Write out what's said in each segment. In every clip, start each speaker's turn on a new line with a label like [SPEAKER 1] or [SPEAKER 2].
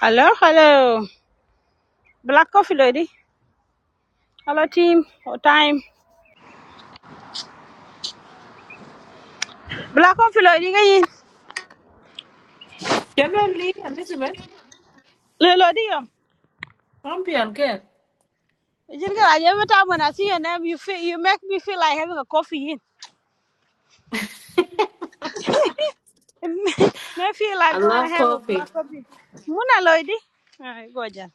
[SPEAKER 1] Hello, hello. Black coffee lady. Hello team. What time? Black coffee lady again.
[SPEAKER 2] Generally, Elizabeth,
[SPEAKER 1] Lady. um,
[SPEAKER 2] don't be again.
[SPEAKER 1] you think like Every time when I see your name, you feel you make me feel like having a coffee in. me feel
[SPEAKER 2] I
[SPEAKER 1] like going to
[SPEAKER 2] love
[SPEAKER 1] have a
[SPEAKER 2] coffee.
[SPEAKER 1] black coffee. Muna lady. Alright, go Jan.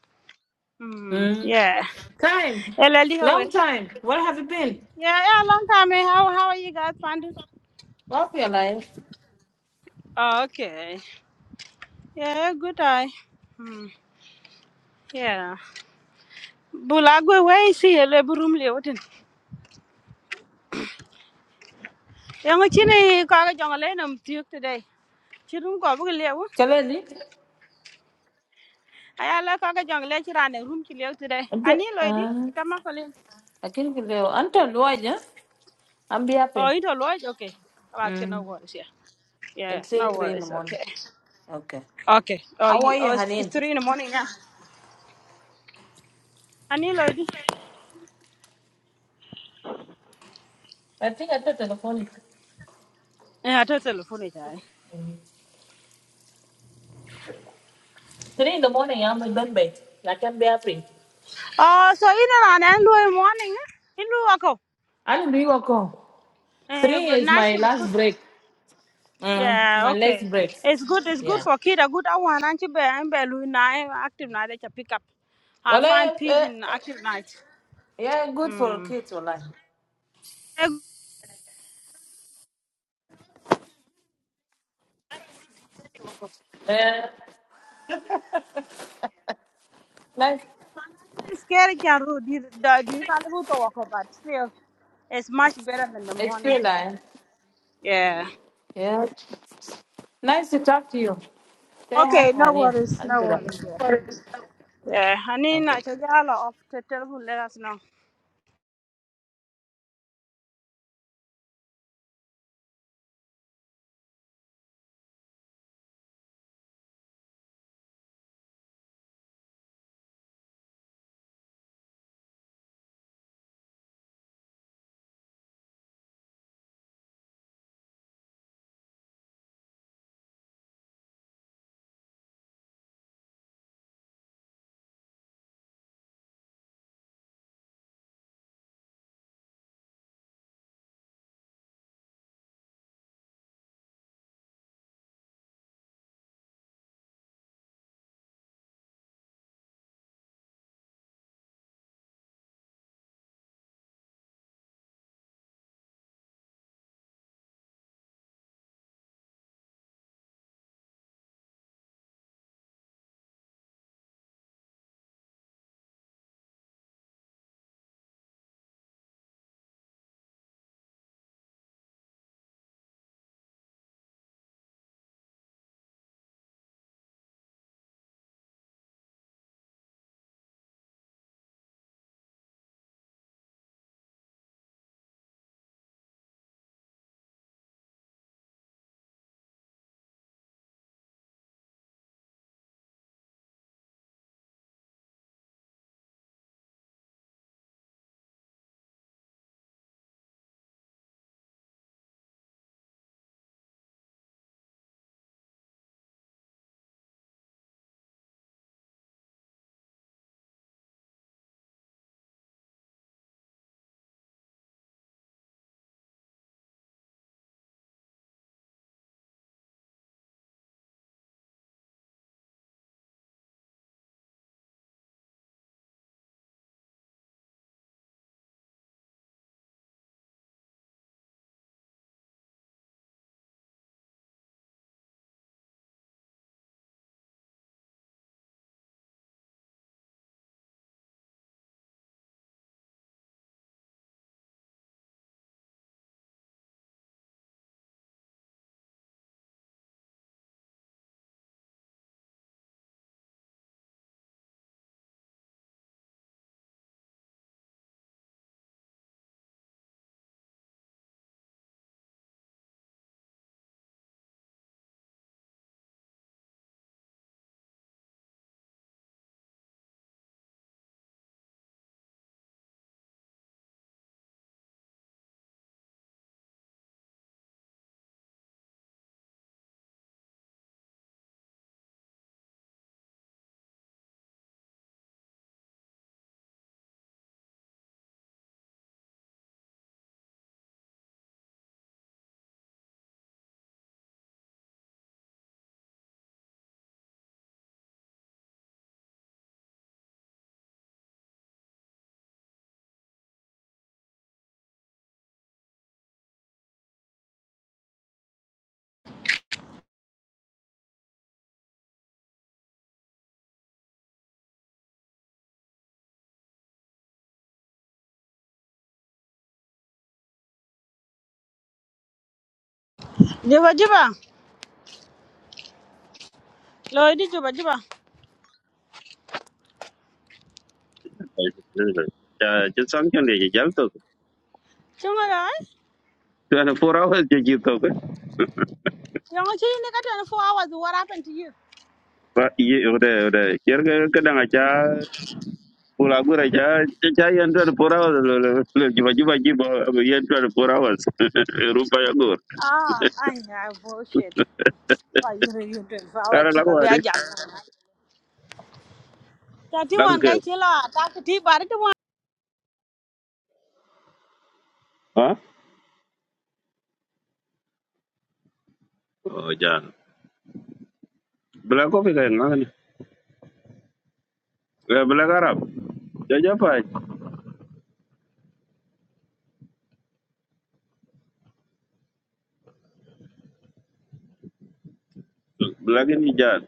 [SPEAKER 1] Hmm.
[SPEAKER 2] Mm.
[SPEAKER 1] Yeah.
[SPEAKER 2] Time,
[SPEAKER 1] Hey, lady, how are you?
[SPEAKER 2] long time. Where have you been?
[SPEAKER 1] Yeah, yeah, long time. eh? How how are you guys finding?
[SPEAKER 2] Love your life.
[SPEAKER 1] Oh, okay. Yeah, good eye. Hmm. Yeah. Bulagwe way see a labor room leotin. Young chine kaga jungle num tuke today. Chirum go book leo.
[SPEAKER 2] Generally,
[SPEAKER 1] I like kaga jungle chiran a room to leo today.
[SPEAKER 2] I'm just,
[SPEAKER 1] Ani lady,
[SPEAKER 2] uh,
[SPEAKER 1] come up a little.
[SPEAKER 2] I can give you until Luaja. I'm be
[SPEAKER 1] Oh,
[SPEAKER 2] happy.
[SPEAKER 1] it all right, okay. About no
[SPEAKER 2] Mm.
[SPEAKER 1] worries, yeah. Yeah, no
[SPEAKER 2] Until three in the
[SPEAKER 1] worries,
[SPEAKER 2] morning.
[SPEAKER 1] okay.
[SPEAKER 2] Okay.
[SPEAKER 1] Okay. Oh,
[SPEAKER 2] How
[SPEAKER 1] you,
[SPEAKER 2] are you,
[SPEAKER 1] oh it's
[SPEAKER 2] Hanin?
[SPEAKER 1] it's three in the morning now. Ani lady.
[SPEAKER 2] I think I thought telephone.
[SPEAKER 1] Yeah, I totally telephone it.
[SPEAKER 2] Three in the morning, I'm in Bombay. I can be happy.
[SPEAKER 1] Oh, so in around and morning, eh? In Luako.
[SPEAKER 2] I don't do work.
[SPEAKER 1] Eh,
[SPEAKER 2] Three
[SPEAKER 1] good
[SPEAKER 2] is
[SPEAKER 1] night,
[SPEAKER 2] my
[SPEAKER 1] she was good.
[SPEAKER 2] last break. Mm.
[SPEAKER 1] Yeah,
[SPEAKER 2] My last
[SPEAKER 1] okay.
[SPEAKER 2] break.
[SPEAKER 1] It's good. It's good
[SPEAKER 2] Yeah.
[SPEAKER 1] for kid. A good one. And be and be lu na eh, active night They you pick up. I
[SPEAKER 2] Well, eh,
[SPEAKER 1] find peace
[SPEAKER 2] eh,
[SPEAKER 1] in
[SPEAKER 2] eh,
[SPEAKER 1] active night.
[SPEAKER 2] yeah, good for
[SPEAKER 1] Hmm.
[SPEAKER 2] kids, well, Yeah, nice,
[SPEAKER 1] It's scary, can do the the you can't to walk, but still, it's much better than the
[SPEAKER 2] it's
[SPEAKER 1] morning.
[SPEAKER 2] free line.
[SPEAKER 1] Yeah.
[SPEAKER 2] Yeah, nice to talk to you. Say hi,
[SPEAKER 1] Okay. No
[SPEAKER 2] honey.
[SPEAKER 1] worries.
[SPEAKER 2] I'll
[SPEAKER 1] No
[SPEAKER 2] be right
[SPEAKER 1] worries. Yeah.
[SPEAKER 2] back. Okay.
[SPEAKER 1] Yeah. I
[SPEAKER 2] bye.
[SPEAKER 1] need na
[SPEAKER 2] Asante
[SPEAKER 1] chajala off the telephone. Let us know. Juba juba. Lo di juba juba.
[SPEAKER 3] ya ci sanction de ci jal to
[SPEAKER 1] Chunga dai.
[SPEAKER 3] tan four
[SPEAKER 1] Yang chini kata four hours. What happened to you?
[SPEAKER 3] Iya, udah, udah. kira ba ye ode ode yer ga ka danga ca pula Coba-coba coba. coba, Iya tan ada hours lo rupa ya gue.
[SPEAKER 1] Ah, I have bullshit. Oh, you you do follow
[SPEAKER 3] Karena la ko
[SPEAKER 1] chica be
[SPEAKER 3] ade
[SPEAKER 1] aja. Tati
[SPEAKER 3] la
[SPEAKER 1] wan
[SPEAKER 3] ke
[SPEAKER 1] kai chila ta ti bar ti wan.
[SPEAKER 3] ha o jan bla ko fi ga ngani bla garab ja ja pa bla ke ni jan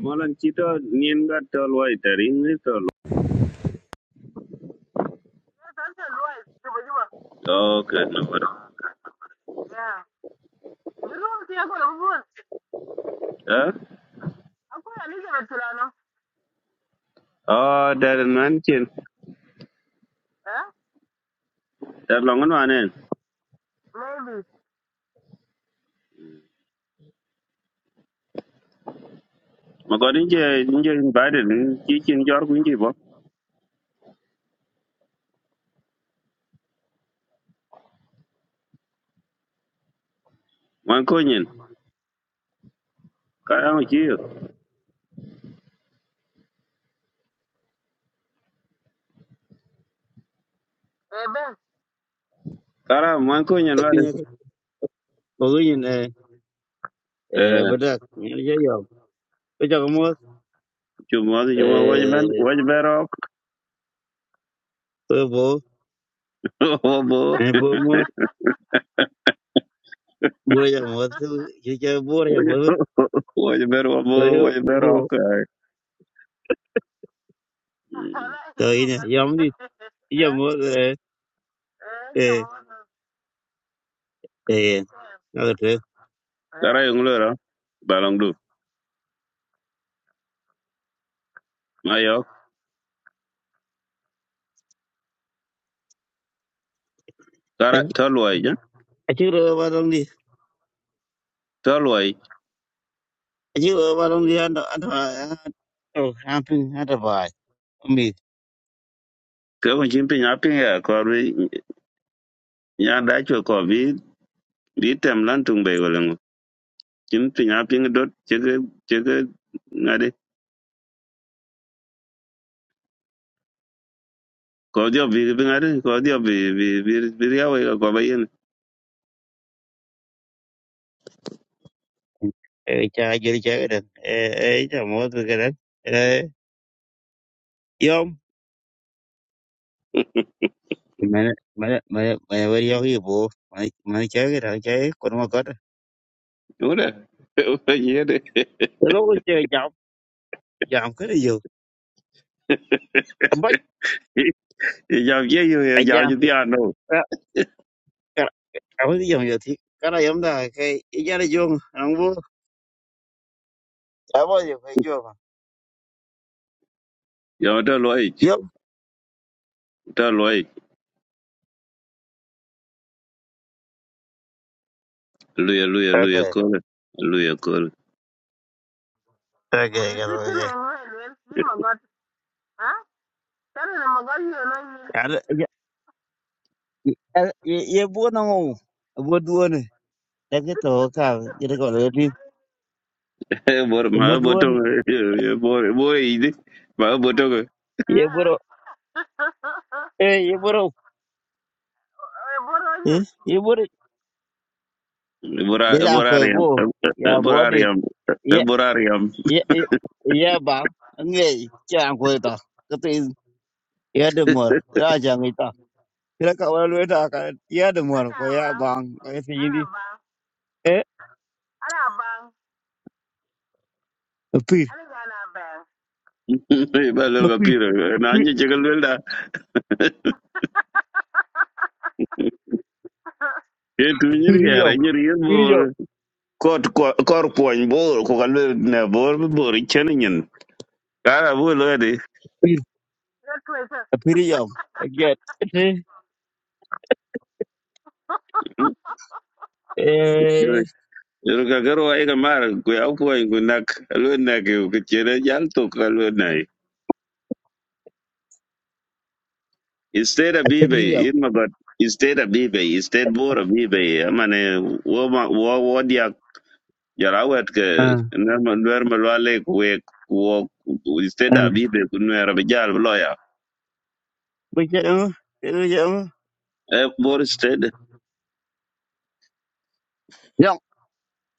[SPEAKER 3] molan ci to nien ga tol wai tarin ni tol
[SPEAKER 2] Luis, Juba Juba.
[SPEAKER 3] okay no
[SPEAKER 2] Yeah. You know what I'm going to I'm to leave to Lano. Eh?
[SPEAKER 3] Dar long an wanen.
[SPEAKER 2] Maybe.
[SPEAKER 3] Ma god inje inje invited chi chin jor ku inje bo. Man ko nyen. Kara ma chi yo.
[SPEAKER 2] Eh, Ben.
[SPEAKER 3] Kara man ko nyen wade.
[SPEAKER 4] Ogunyin eh
[SPEAKER 3] Eh
[SPEAKER 4] bedak ngene je yo. Ko jago mo
[SPEAKER 3] chumo de
[SPEAKER 2] I
[SPEAKER 3] chumo
[SPEAKER 2] think it's
[SPEAKER 3] waj ben
[SPEAKER 4] eh
[SPEAKER 2] a
[SPEAKER 3] waj
[SPEAKER 2] mood.
[SPEAKER 3] berok.
[SPEAKER 4] ko bo
[SPEAKER 3] Obo.
[SPEAKER 4] ani bo mo bo ya mo tu je je bo ya bo
[SPEAKER 3] Waj ber obo
[SPEAKER 4] to ri
[SPEAKER 3] waj
[SPEAKER 4] bo
[SPEAKER 3] berok.
[SPEAKER 4] to
[SPEAKER 2] You know,
[SPEAKER 4] ine
[SPEAKER 2] but.
[SPEAKER 4] yam ni ya
[SPEAKER 2] Eh?
[SPEAKER 4] mo eh
[SPEAKER 2] Eh, it's a
[SPEAKER 4] eh
[SPEAKER 2] mood.
[SPEAKER 4] eh na to
[SPEAKER 2] Yeah.
[SPEAKER 3] Kara yung lora. Balong du. Ma yo. Kara tolwai ja.
[SPEAKER 4] a chi ro ba dong ni
[SPEAKER 3] Tolwai.
[SPEAKER 4] a chi ro ba dong ni an an to camping at a bai mi
[SPEAKER 3] Ke ko chin pin apin ya ko ri nya da cho ko bi bi tem lan tung be wala ngo. Chin pin apin dot chege chege kodhi obik piny ari kodhi obi bi bi bi riaw ga kwa bayen
[SPEAKER 4] eh cha je cha ga eh eh ja mo tu ga eh yo Mana mana mana mana bari yaw yi bo. Mana mana chay ki thang chay kon ma kot.
[SPEAKER 3] ure ure yede
[SPEAKER 4] Tolo ko chơi jam jam cái này yo. Abach
[SPEAKER 3] jam ye yo
[SPEAKER 4] a
[SPEAKER 3] jam
[SPEAKER 4] jam
[SPEAKER 3] ji
[SPEAKER 4] ku
[SPEAKER 3] dia no
[SPEAKER 4] a ka cái wo yam yo cái Kara yam da cái i jara jong ang bo. A bo yo kai jo ma.
[SPEAKER 3] yo to loi
[SPEAKER 4] Yo.
[SPEAKER 3] to loi luye luye luye
[SPEAKER 4] cái
[SPEAKER 3] kore luye kore
[SPEAKER 4] ý ra đây
[SPEAKER 2] We
[SPEAKER 4] vô ăn vô chả bao giờ phải vô mà vô Okay ka lo
[SPEAKER 2] did it in
[SPEAKER 4] ye.
[SPEAKER 2] a way, you know, but. Tani na magari ya nani yake?
[SPEAKER 4] Ara ye ye bo na ngo. Bo duo cái cái ke to cái ye ko lo thi.
[SPEAKER 3] bor ma
[SPEAKER 4] Bo duo
[SPEAKER 3] boto
[SPEAKER 4] ne.
[SPEAKER 3] bor bor idi ma boto
[SPEAKER 4] Ye
[SPEAKER 2] Eh.
[SPEAKER 4] bo ro. Eh ye bo ro.
[SPEAKER 2] Eh, bora
[SPEAKER 4] Eh
[SPEAKER 2] yake.
[SPEAKER 4] ye bo ro.
[SPEAKER 3] bora
[SPEAKER 4] De da
[SPEAKER 3] bora
[SPEAKER 4] ko
[SPEAKER 3] riam
[SPEAKER 4] bo. Ya
[SPEAKER 3] bora
[SPEAKER 4] bo
[SPEAKER 3] riam
[SPEAKER 4] de
[SPEAKER 3] bora riam
[SPEAKER 4] ye ye ba nge cha ko ta ka ti ye de mor ra ja ngi ta ra ka wa lu ta ka ye de mor
[SPEAKER 2] Ana
[SPEAKER 4] ko ya
[SPEAKER 2] ba,
[SPEAKER 4] ba ngi ti yin
[SPEAKER 2] ana
[SPEAKER 4] di
[SPEAKER 2] ba,
[SPEAKER 4] e
[SPEAKER 2] ana ba,
[SPEAKER 4] pir
[SPEAKER 2] ana ga ana ba.
[SPEAKER 3] ba lol ga
[SPEAKER 4] pir
[SPEAKER 3] piro na
[SPEAKER 4] pir
[SPEAKER 3] nyi jegal welda e tu nyiri
[SPEAKER 4] pir yo
[SPEAKER 3] yara nyiri
[SPEAKER 4] pir
[SPEAKER 3] bor.
[SPEAKER 4] yo
[SPEAKER 3] kot ko- kor kuony bor ko kalwe ne bor bi bor ichen nyin kara bu lo di
[SPEAKER 4] pir
[SPEAKER 2] Ya tuwe sa.
[SPEAKER 4] pir yo get ti e
[SPEAKER 3] yoru ka garo ai ka mar ku au kuony ku nak alwe nak ku chere jal to ka alwe nai instead of
[SPEAKER 4] pir
[SPEAKER 3] bibe
[SPEAKER 4] yo
[SPEAKER 3] in ma bat instead of bibe instead bor of bibe amane wo ma wo wo dia jara wet ke
[SPEAKER 4] ah
[SPEAKER 3] na ma nwer ma lwale ku we ku wo- instead
[SPEAKER 4] ah
[SPEAKER 3] of bibe ku nwer bi jal bi lo ya
[SPEAKER 4] bu che no bu che no
[SPEAKER 3] Eh, bor instead
[SPEAKER 4] yo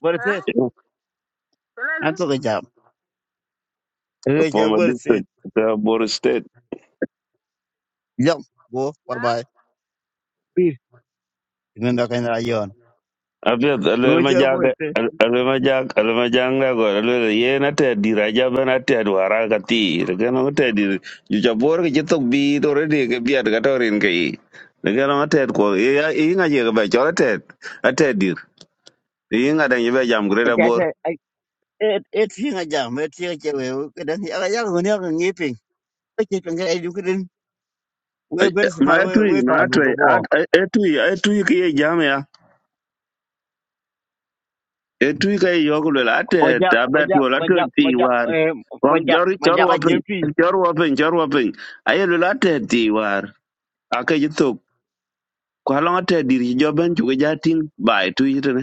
[SPEAKER 4] bu te
[SPEAKER 2] Eh? Tunaji?
[SPEAKER 4] an to ka ja re che
[SPEAKER 3] from a
[SPEAKER 4] bu te
[SPEAKER 3] distance eh, bor
[SPEAKER 4] yo bo bye
[SPEAKER 2] Eh?
[SPEAKER 4] bye pir ngi da ka na yon
[SPEAKER 3] Apiath
[SPEAKER 4] bu
[SPEAKER 3] alwel ma
[SPEAKER 4] che bu
[SPEAKER 3] jak alwel ma jak alwel ma jak nga god alwel yen ated dir ajaben ated warar kathir ken ong ated dir juc abor ki ci thok bi toredi ke biat ka torin ke i leken ong ated kuo iyiŋa ci kebe col ated ated dir iyiŋa deŋ yibe jam gured abor
[SPEAKER 4] te et et hinga jam et hinga che we ke dan ya ya ko ne ko ngi pin ke che kan ga edu kedin we
[SPEAKER 3] Ai-
[SPEAKER 4] ber
[SPEAKER 3] eh, ma
[SPEAKER 4] smar we
[SPEAKER 3] etui
[SPEAKER 4] we
[SPEAKER 3] ma
[SPEAKER 4] ta du ga
[SPEAKER 3] atwei
[SPEAKER 4] bo
[SPEAKER 3] etui etui ki ye jam ya etui ka ye yok lwel ated
[SPEAKER 4] majak
[SPEAKER 3] abe
[SPEAKER 4] majak
[SPEAKER 3] tuol
[SPEAKER 4] majak
[SPEAKER 3] atwed pi
[SPEAKER 4] majak
[SPEAKER 3] war
[SPEAKER 4] eh
[SPEAKER 3] wan
[SPEAKER 4] majak
[SPEAKER 3] cor cor
[SPEAKER 4] majak a
[SPEAKER 3] wo
[SPEAKER 4] je pi
[SPEAKER 3] piny cor wo piny cor wo piny aye lwel ated ti war ake ji thok ko halonga te dir ji jo ben chuke ja ting bai tu ji tene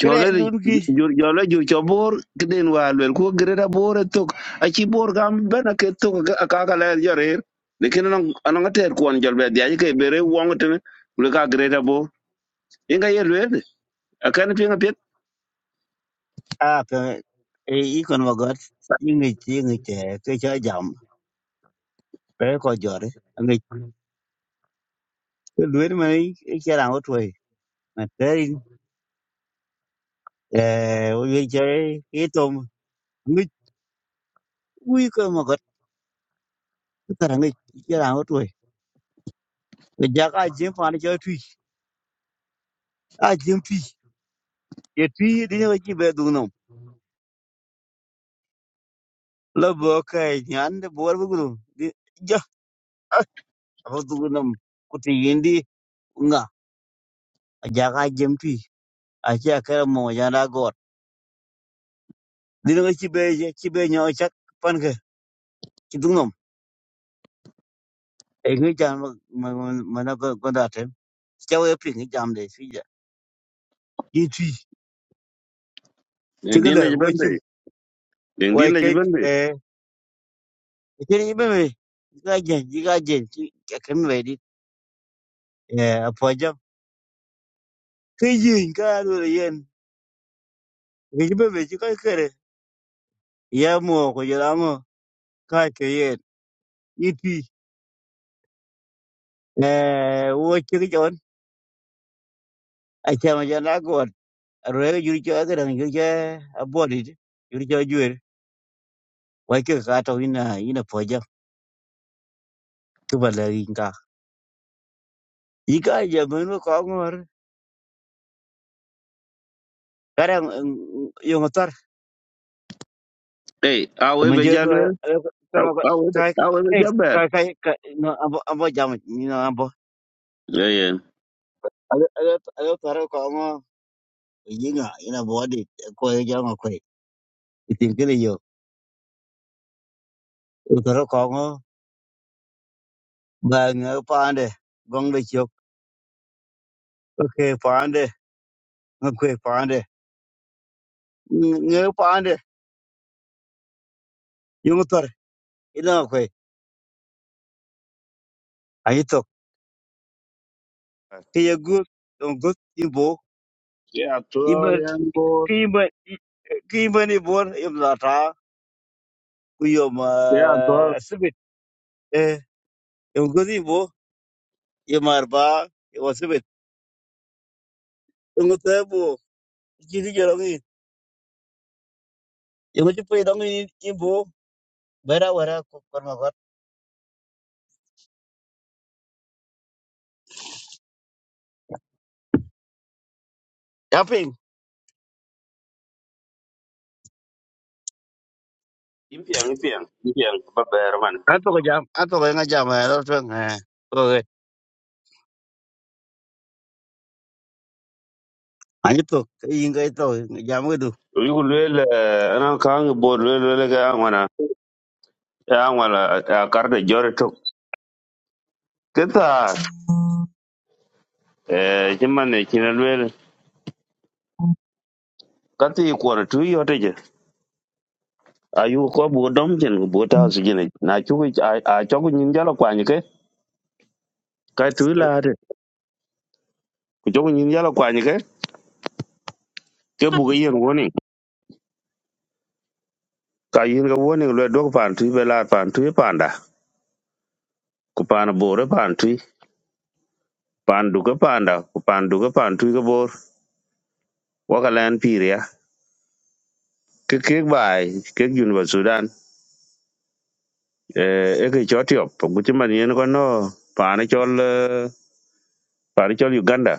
[SPEAKER 4] kre
[SPEAKER 3] chole li
[SPEAKER 4] dun ki
[SPEAKER 3] jur jole jur cho bor kden wa lwel ko greda bor thok a chi bor gam ben ake thok aka ka le jo rer lekin anong anong ter kon jol be dia ji ke bere wong tene le ka greda bor inga ye lwel aka ne pinga pet
[SPEAKER 4] a pe e i kon wa got ingi chi ngi che ke cha jam pe ko jore ngi ke luer ma i che ra o twoi ma terin eh o ye che i tom ngi ui ko ma got ta ngi che ra o twoi majak a je pa ni che tui a je ye twi di ne chi be du nom la bo ka nyan de bor bu du di ja ba du nom ku ti yindi nga a ja ga jem twi a chi a ka mo ja na gor di ne chi be je chi be nyo chak pan ke chi du nom e ngi jan ma ma na ko ko da te cha we pi ngi jam de fi ja yi twi chi ga
[SPEAKER 3] din
[SPEAKER 4] le
[SPEAKER 3] le
[SPEAKER 4] wo
[SPEAKER 3] ben be
[SPEAKER 4] chi
[SPEAKER 3] din
[SPEAKER 4] wo
[SPEAKER 3] din
[SPEAKER 4] ke
[SPEAKER 3] le ben be
[SPEAKER 4] e e ke ni be me ga jen ji ga jen chi ka ken me di e a po jam ke yin ka do yen ngi be me chi ka ye mo ko jara ngo ka ke ye iti eh wo chi ki jon a cha ma jana gon ro ye juri cha ga dang juri cha a bo di juri cha ju wa ke ka to ina ina po ja ku ba la ri ka i ka ja mo no ko ngor ka dang yo ngotar
[SPEAKER 3] ei a we
[SPEAKER 4] ma
[SPEAKER 3] be
[SPEAKER 4] je
[SPEAKER 3] ja
[SPEAKER 4] ko
[SPEAKER 3] lwel
[SPEAKER 4] ko no ka
[SPEAKER 3] a we
[SPEAKER 4] ka
[SPEAKER 3] a we be ja ber
[SPEAKER 4] ka ka ka no abo abo ja ma ni no abo
[SPEAKER 3] ye ye
[SPEAKER 4] ayo ayo ayo taro ko ngo yinga ina bo di ko ja ngo ko itin kile yo taro ko ba ngơ pande gong le chok ke pande ngơ kwe pande ngơ pande yung tor ina kwe ai tok ke ye gu dong gu ibo
[SPEAKER 3] ya to
[SPEAKER 4] ibo
[SPEAKER 3] yan
[SPEAKER 4] kiba kiba ni bor im la ta ku yo ma
[SPEAKER 3] bor
[SPEAKER 4] sibit e yung gu ibo yom arba yo sibit yung te bo ji di jero ngi yung ti pe dong ni ibo bera wera ko kor ma kor yaping
[SPEAKER 3] impiang impiang impiang ba ber man
[SPEAKER 4] an to ga jam an to ga jam ma ro tong Anyito inga ito jamu itu.
[SPEAKER 3] yugu lwel anan kang bor lwel lwel ga angwana ya angwala a karde jore tok keta eh chiman ne china lwel kati kwor tu yote je ayu ko bu dom chen ko bota su jine na chu a chogu nyin jala kwany ke ka tu la de ko chogu nyin jala kwany ke ke bu ga yen woni ka yin ga woni lwel dog pan tu be la pan tu panda ku pan bore pan tu pan du ga panda ku pan du ga pan tu ga bor waka lan piria cái cái bài cái dân vào Sudan eh cái cho tiệp cũng chứ mà nó có nó phá nó cho là- phá nó cho Uganda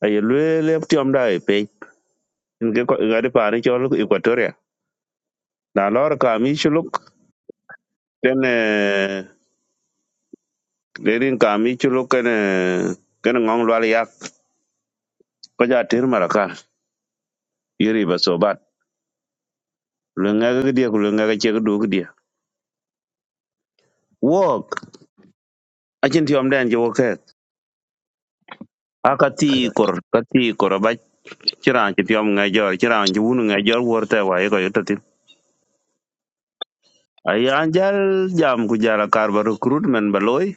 [SPEAKER 3] ai lue le tiệm đây pe cái có cái đi phá nó cho lúc Equatoria là lo ra cả mi chuluk ten để đến cả mi chuluk cái này cái nó ngon loa yak có giá tiền mà ra cả yiri ba so bat lenga cái dia lenga cái che cái du cái dia walk a chen tiệm đen cho walk akati
[SPEAKER 4] kada
[SPEAKER 3] kor kati kor ci raan ci tiom ngai jor ci raan ci wunu ngai jor wor te wa ko yoto tin ay an jal jam ku jala kar ba recruitment ba loy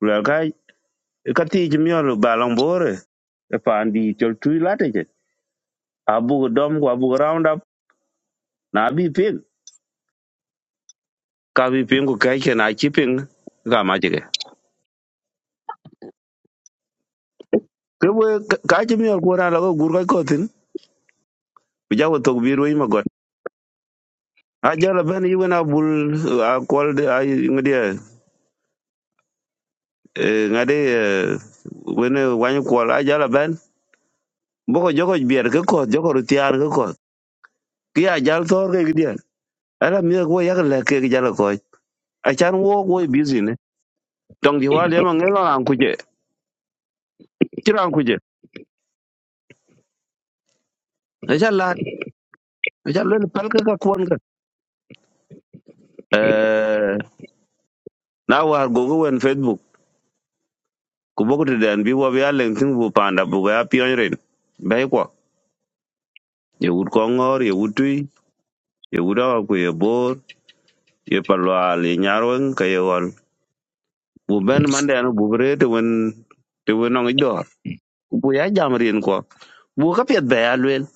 [SPEAKER 3] la kai ka ti ci miol ba long bore e pan di tol tu la je abu dom ko abu round up na bi ping ka bi ping ko kai ke na ci ping ga ma je ke ke we ka ci miol ko ra la ko gur ko tin ku jawo to bi roi ma got a jala ben yi wena bul a kol de ay ngade ngade wena wanyu kol a jala ben boko joko bier ke koth joko rutiar ke koth ki a jal thor ke gidier ala mi ko yak le ke gi jal ko a chan wo wo busy ne tong di wal yama ngelo an kuje kiran kuje a chan lat a chan le pal ke ka kwon ka eh na war go go wen facebook ku boko de den bi wo bi alen tin bu panda bu ga pion ren bai ko ye ut ko ngor ye utui ye uda ku ye bor ye palwal ye nyarwen ka ye wal bu ben mande an bu rete wen te wen ngi bu ya jam rin ko bu ka pet be alwel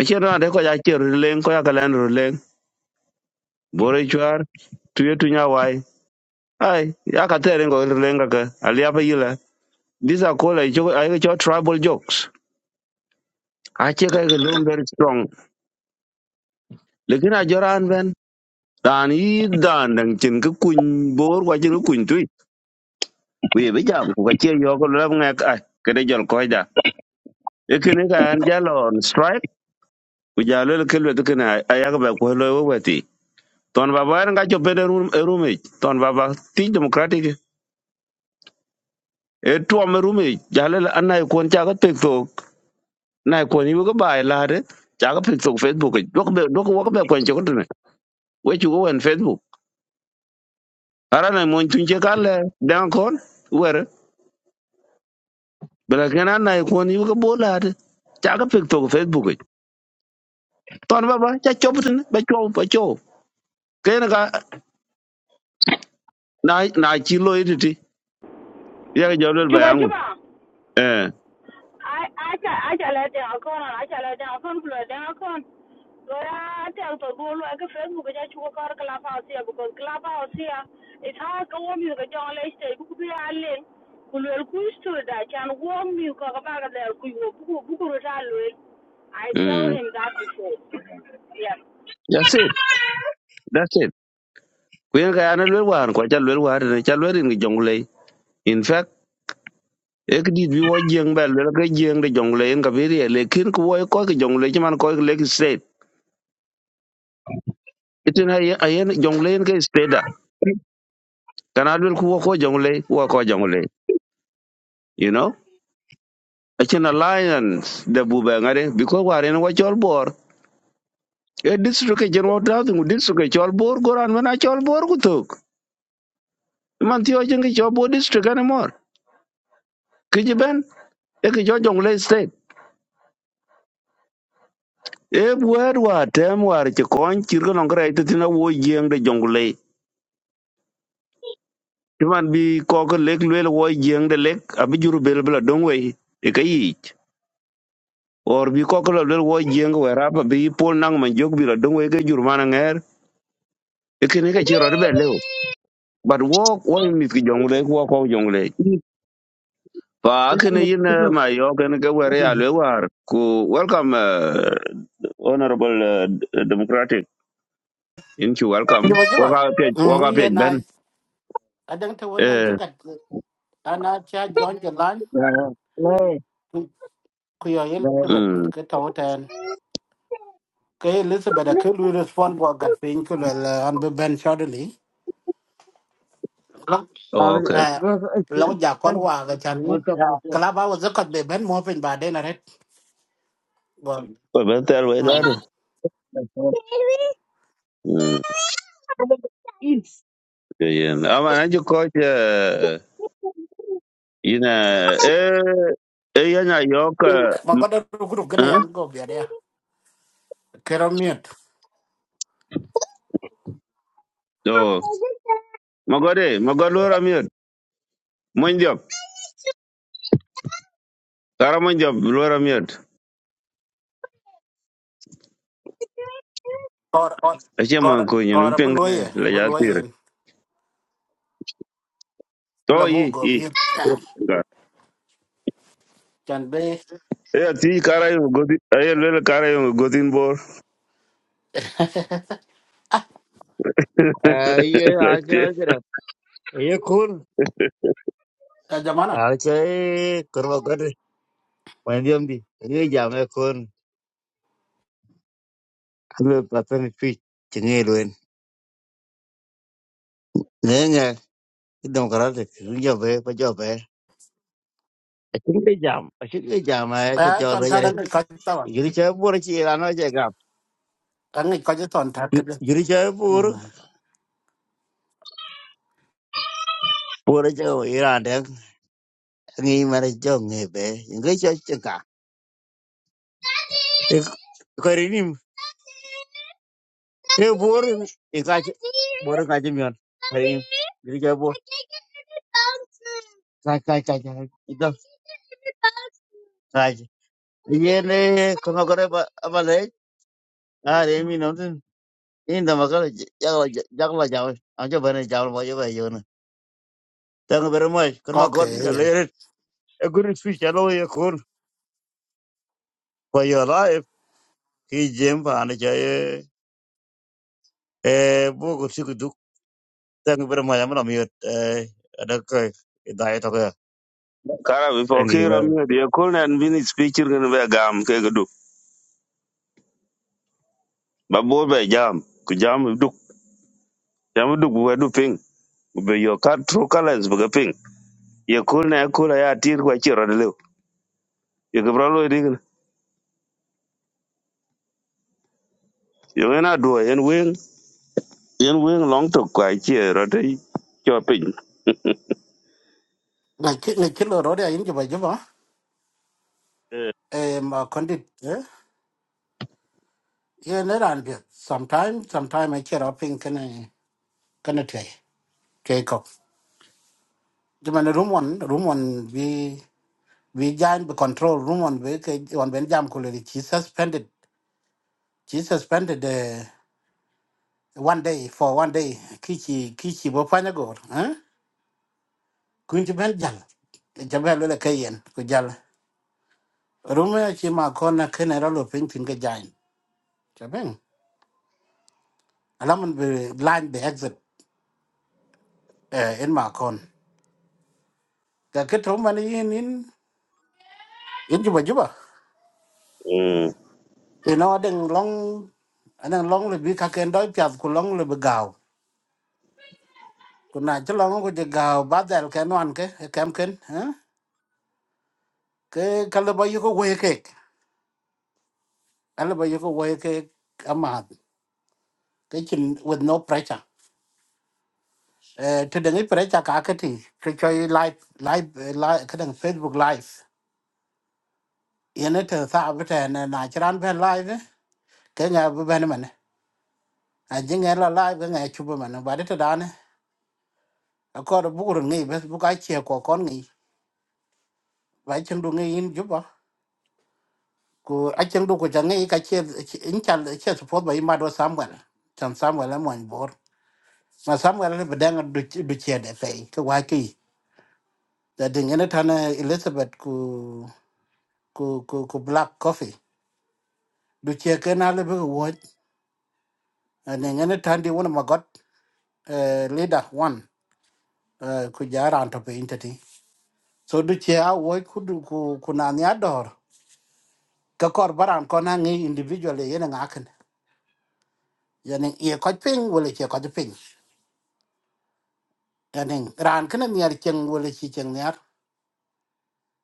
[SPEAKER 3] a chen ra de ko ya cher leng ko ya ka len ru leng bo re chwar tu ye tu nya wai ai ya ka te ren ko ru leng ka ka ali apa yila these are called like joke ai cho tribal jokes a che ka ga lom very strong lekin a joran ben dan yi dan dang chin ka kun bor wa chin ka kun tu we be jam ko ka che yo ko lam ngak ai ke de jol ko da ekene ka an jalon strike ku jalo le kelwe to kana ayaga ba ko lo we ton baba en ga chopede rum e rume ton baba ti democratic e tuom rume jale la anai kon cha ga pek tok nai kon yu ga bai lade cha ga pek tok facebook dok be dok wo be kon chok tene we chu wen facebook ara na mon tun che kale dan kon wer bela kana nai kon yu ga bo lade cha ga pek tok facebook ton baba cha chop tene ba chop ba chop ken ga na na chi lo iditi ya ga jole ba
[SPEAKER 1] Juba
[SPEAKER 3] yangu
[SPEAKER 1] juba.
[SPEAKER 3] eh
[SPEAKER 1] I I can I can let down con I can let down con blow down con. Lora tell to go like a Facebook that you work out clubhouse here because clubhouse here is hard to warm you the John Lester book be a link. Kulwel kuis to that can warm you kakabaga there kuyo buku buku rutal I
[SPEAKER 3] mm
[SPEAKER 1] tell him that before. Yeah.
[SPEAKER 3] that's it that's it kuyen ka yana lwel war kwa cha lwel war ne cha lwel in jongle in fact ek dit bi wo jeng ba lwel ka jeng de jongle en ka bi re lekin ko wo ko ki jongle ki man ko ki lek state itin ay ayen jongle en ka state da kana lwel ko wo ko jongle wo ko jongle you know achen alliance de bu ba ngare bi ko war en wo chol bor e district ke jen wo ta tu district ke chol bor goran mana chol bor ku tok man ti o jeng ke chol bor district anymore ki ben e ki jo jongle state e buer wa tem war ci kon cir ko nongre ay tina wo jeng de jongle ti man bi ko ko lek lel wo jeng de lek abi juru bel bla dong we e kayi or bi ko ko lel wo jeng we ra ba bi pol nang man jog bi la dong we ke jur man nger e kene ka ci ro be lew but wo wo mi ki jongle ko ko jongle pa kene
[SPEAKER 4] Itu
[SPEAKER 3] yin
[SPEAKER 4] itu.
[SPEAKER 3] eh, ma yo kene ke were ya le war ku welcome eh, honorable eh, democratic in
[SPEAKER 5] Như
[SPEAKER 3] welcome
[SPEAKER 5] vậy chứ
[SPEAKER 3] wo
[SPEAKER 5] mà.
[SPEAKER 3] ka pe
[SPEAKER 5] Ừ, Yo
[SPEAKER 3] wo
[SPEAKER 5] ba jiba.
[SPEAKER 3] ka
[SPEAKER 5] Mm
[SPEAKER 3] pe
[SPEAKER 5] ye na
[SPEAKER 3] ben
[SPEAKER 5] adang ta wannan tikat ana cha John Jalan
[SPEAKER 4] Ya ya. Le.
[SPEAKER 5] ku yo Elizabeth
[SPEAKER 3] eh
[SPEAKER 5] ka tawtan. Ka Elizabeth ka lu respond ko gat pin ku la an be ben shortly. Lo
[SPEAKER 4] Tapi
[SPEAKER 3] okay
[SPEAKER 5] eh
[SPEAKER 4] terus itu.
[SPEAKER 5] lo ja kon wa ga chan ni.
[SPEAKER 4] Waktu aku.
[SPEAKER 5] Kala ba wa zakat be ben mo pin ba mà có đâu Bon.
[SPEAKER 3] better way
[SPEAKER 5] Mm.
[SPEAKER 3] that yeah ama na ju ko je ina eh eh yana yok
[SPEAKER 5] Ma ko da ku ru gana
[SPEAKER 3] eh
[SPEAKER 5] yan go biya còn còn
[SPEAKER 3] do magore magoro ramiot monjo kara monjo lora miot
[SPEAKER 5] còn
[SPEAKER 3] ache
[SPEAKER 5] còn
[SPEAKER 3] mon
[SPEAKER 5] or
[SPEAKER 3] ko nyen
[SPEAKER 5] or or bu loye
[SPEAKER 3] pingane la
[SPEAKER 5] bu
[SPEAKER 3] yatir
[SPEAKER 5] loye. La
[SPEAKER 3] to
[SPEAKER 5] bu
[SPEAKER 3] yi
[SPEAKER 5] go
[SPEAKER 3] yi
[SPEAKER 5] mute. Chan be
[SPEAKER 3] eh ti kara yo godi eh le kara yo godin bor
[SPEAKER 4] Eh iya aja aja. Iya kun.
[SPEAKER 5] jamana
[SPEAKER 4] Aja kerja kerja. Mandiam di. Iya jamu kun. Kalau paten itu cengi luen. Nenga. Itu kerja itu jamu apa jamu. Chính cái giảm, chính cái giảm mà cho
[SPEAKER 5] à
[SPEAKER 4] cho
[SPEAKER 5] toàn
[SPEAKER 4] lấy
[SPEAKER 5] thật
[SPEAKER 4] ra.
[SPEAKER 5] đang có chứ tao
[SPEAKER 4] Dưới chơi bùa chỉ là nó chơi gặp.
[SPEAKER 5] đang ngày có chứ toàn thật cái đó
[SPEAKER 4] Dưới chơi
[SPEAKER 5] Ừ,
[SPEAKER 4] bùa, bùa chơi ở Iran ngi mara jong nge be ngi cho chka ko rinim e bor e ka bor ka jim yon rim ngi cho bor ka ka ka ka ido ka ye ne ko ma kore ba abale a re mi no tin in da ma ka ja ja la ja a jo bene ja mo jo ba yo na tang bere mo ko ma
[SPEAKER 5] có
[SPEAKER 4] ko
[SPEAKER 5] kể
[SPEAKER 4] ja le
[SPEAKER 5] vậy
[SPEAKER 4] re e guru su cha lo ye ko ko yo la e ki jim pa na ja e e bo ko su ku du tang bere mo ya ma mi e da ka dai to
[SPEAKER 3] kara bi
[SPEAKER 4] Thank you
[SPEAKER 3] fokiro
[SPEAKER 4] well.
[SPEAKER 3] miot ye kulnen bini speaker ngene be gam ke gudu babo be jam ku jam jamu duk bu du ping be yo kar true colors bu ga ping ye kul ne kul ya tir kwa chi rod lew ye ga bra lo dig yo na do yen wing yen wing long to kwa chi rod cho ping
[SPEAKER 5] ngày chứ ngày chứ lừa rồi đấy anh chụp vậy chứ mà
[SPEAKER 3] Eh,
[SPEAKER 5] em mà còn đi ờ yên nó làm việc sometime sometime mấy chuyện đó pin cái này cái này chơi chơi cọc nhưng mà nó đúng one đúng one vì vì giant bị control đúng one với cái one bên giam của lời chỉ suspended chỉ suspended uh, one day for one day khi chỉ khi chỉ bố phá nhá gồ hả cứ chụp bên giam chụp bên lừa là cái yên cứ giam Rumia chỉ mà con là khi này Rumah cuma kena kena cái penting ke jain. Cepat. mình be line the exit eh, in mà con. ma kon. Kakek rumah ni in in in cuba cuba.
[SPEAKER 3] mm
[SPEAKER 5] Ino ada yang long anh yang long là bị lebih kakek doi piat ku long là bị gạo. Còn nãy chắc long lebih gau. Ku nak celong ku je gau badal ke nuan ke là ken. ha? Ke kalau bayu ku là kek. Kalau bayu ku wae kek amat. cái chuyện with no pressure. Eh, tu dengar pressure cả cái kakek ti. chơi live live eh, live cái kadang Facebook live. yene te tha bete ne na chran ben live ke nga bu ben mane a jinge la live ke nga chu bu mane ba de da ne a ko bu gur ngi bes bu ka che ko kon ngi ba chen du ngi in ju ba ku a chen du ko cha ngi ka che in cha che support ba i ma do sam ga chan sam ga la mon bor ma sam ga le bedang du du che de fe ke wa ki da de ngene ta ne elizabeth ku ku ku ku black coffee du che ke na le bu wo ne ngene ta ndi wona ma got leader one eh, ku ja ran to piny tati so du che a wo ku du ku ku na nya dor ka kor baran ko na ngi individually yen nga kan yani ye ko ping wala che ko ping yani ran kan nyar cheng wala chi cheng nyar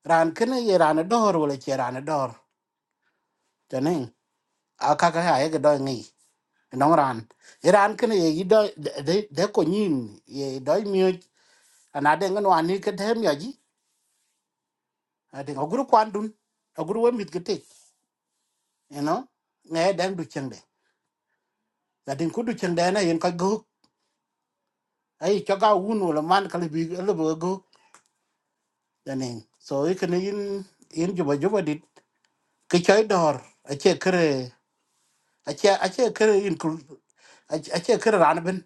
[SPEAKER 5] ran kan ye ran dor wala che ran dor tani a ka ka ha ye do ngi nong ran ye ran kan ye gi do de de ko nyin ye do mi ana de ngan wa ni ka them ya ji ati oguru kwandun oguru wa mit gete you know nghe đang được chân Lakin kudu chendena yin gốc, ấy cho chaga unu la man kali yên yên, bu guk. đi. so chơi yin yin juba juba dit. Kichai dor. Ache kere yên ache kere yin kul ache kere bên,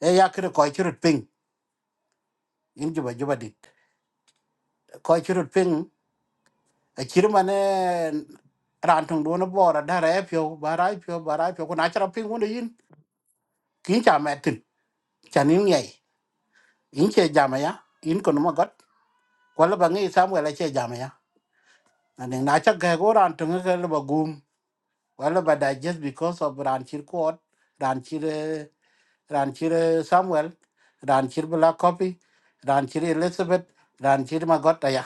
[SPEAKER 5] E ya kere koi churut ping. Yin juba juba dit. Koi churut ping. ở chỉ mà này ran thong do nó bỏ ra da ra pyo ba ra pyo ba ra pyo ko na chara ping won yin. Kin cha ma tin. Chanin yên Yin che jama ya. Yin kono ma got. Kwala bangi samwe la che jama ya. and then na cha ga go ran tung ga le ba gum wala ba da just because of ran chir ko ran chir eh, ran chir eh, samuel ran chir bla copy ran elizabeth ran chir ma got ya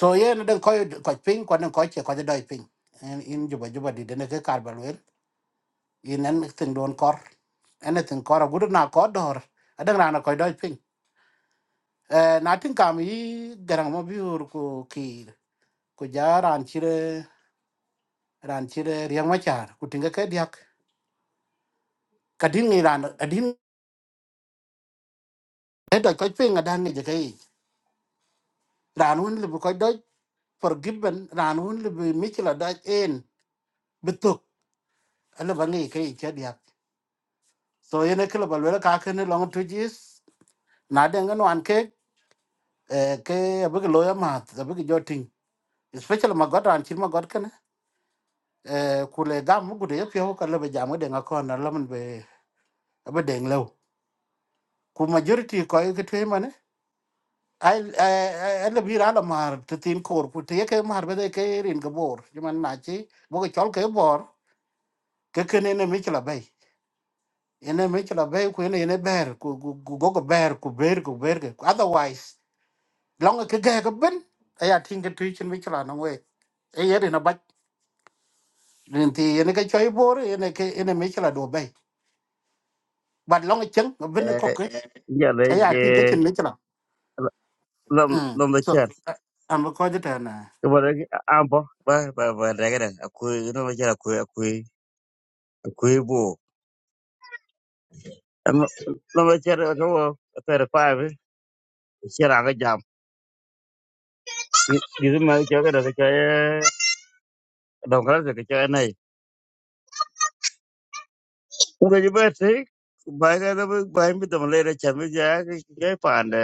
[SPEAKER 5] so ye na den ko ko ping ko den ko che ko doi ping en in juba juba di den ke kar ba wel in en thing don kor anything kor gudu na ko dor adan ran ko doi ping eh na tin kam yi garang mo biur ko ki ko ja ran chir eh, ran chir riang ma char ku tinga ke dia kadin ni ran adin da ko pe nga dan ni je kai ran hun le ko do forgiven ran hun le michla da en bituk ala bangi kai che dia so yene kala balwela ka ken long to jis na de ngan wan ke eh, ke abig loya ma abig joting especially ma god ran chir ma god ken eh, kule gam mu gude ye pyo kala be jamu de ngakon na lamun be abe deng lew ku majority ko ke te mane ai ai ai le bi ra la mar te tin kor ku te ke mar be ke rin ke bor man na chi bo cái chol cái bor ke ke ne ne mi chla bay ene mi chla bay ku ene này ber ku ku ku go go ber ku ber ku ber ke otherwise long cái cái ke ben aya tin cái tu chin mi chla no we e yeri na ba rin thì ene ke choy bor ene cái ene mi chla do bay bắt long chen ben cái
[SPEAKER 4] Eh, jale
[SPEAKER 5] ke aya tin ke
[SPEAKER 4] je
[SPEAKER 5] chin mi chla
[SPEAKER 4] lom
[SPEAKER 5] mm
[SPEAKER 4] lom da
[SPEAKER 5] so
[SPEAKER 4] cer.
[SPEAKER 5] am ko de ta na
[SPEAKER 4] Kaba da ambo ba ba ba da ga da akui lom da cer akui akui akui bo. Lom da cer ka wo ka da pa bi cer anga jam. Di di ma cer ka da ka cer dom kala da ka cer nai. Ko ga ba te ba ga da ba mi dom le da cer mi ja ka ka pa da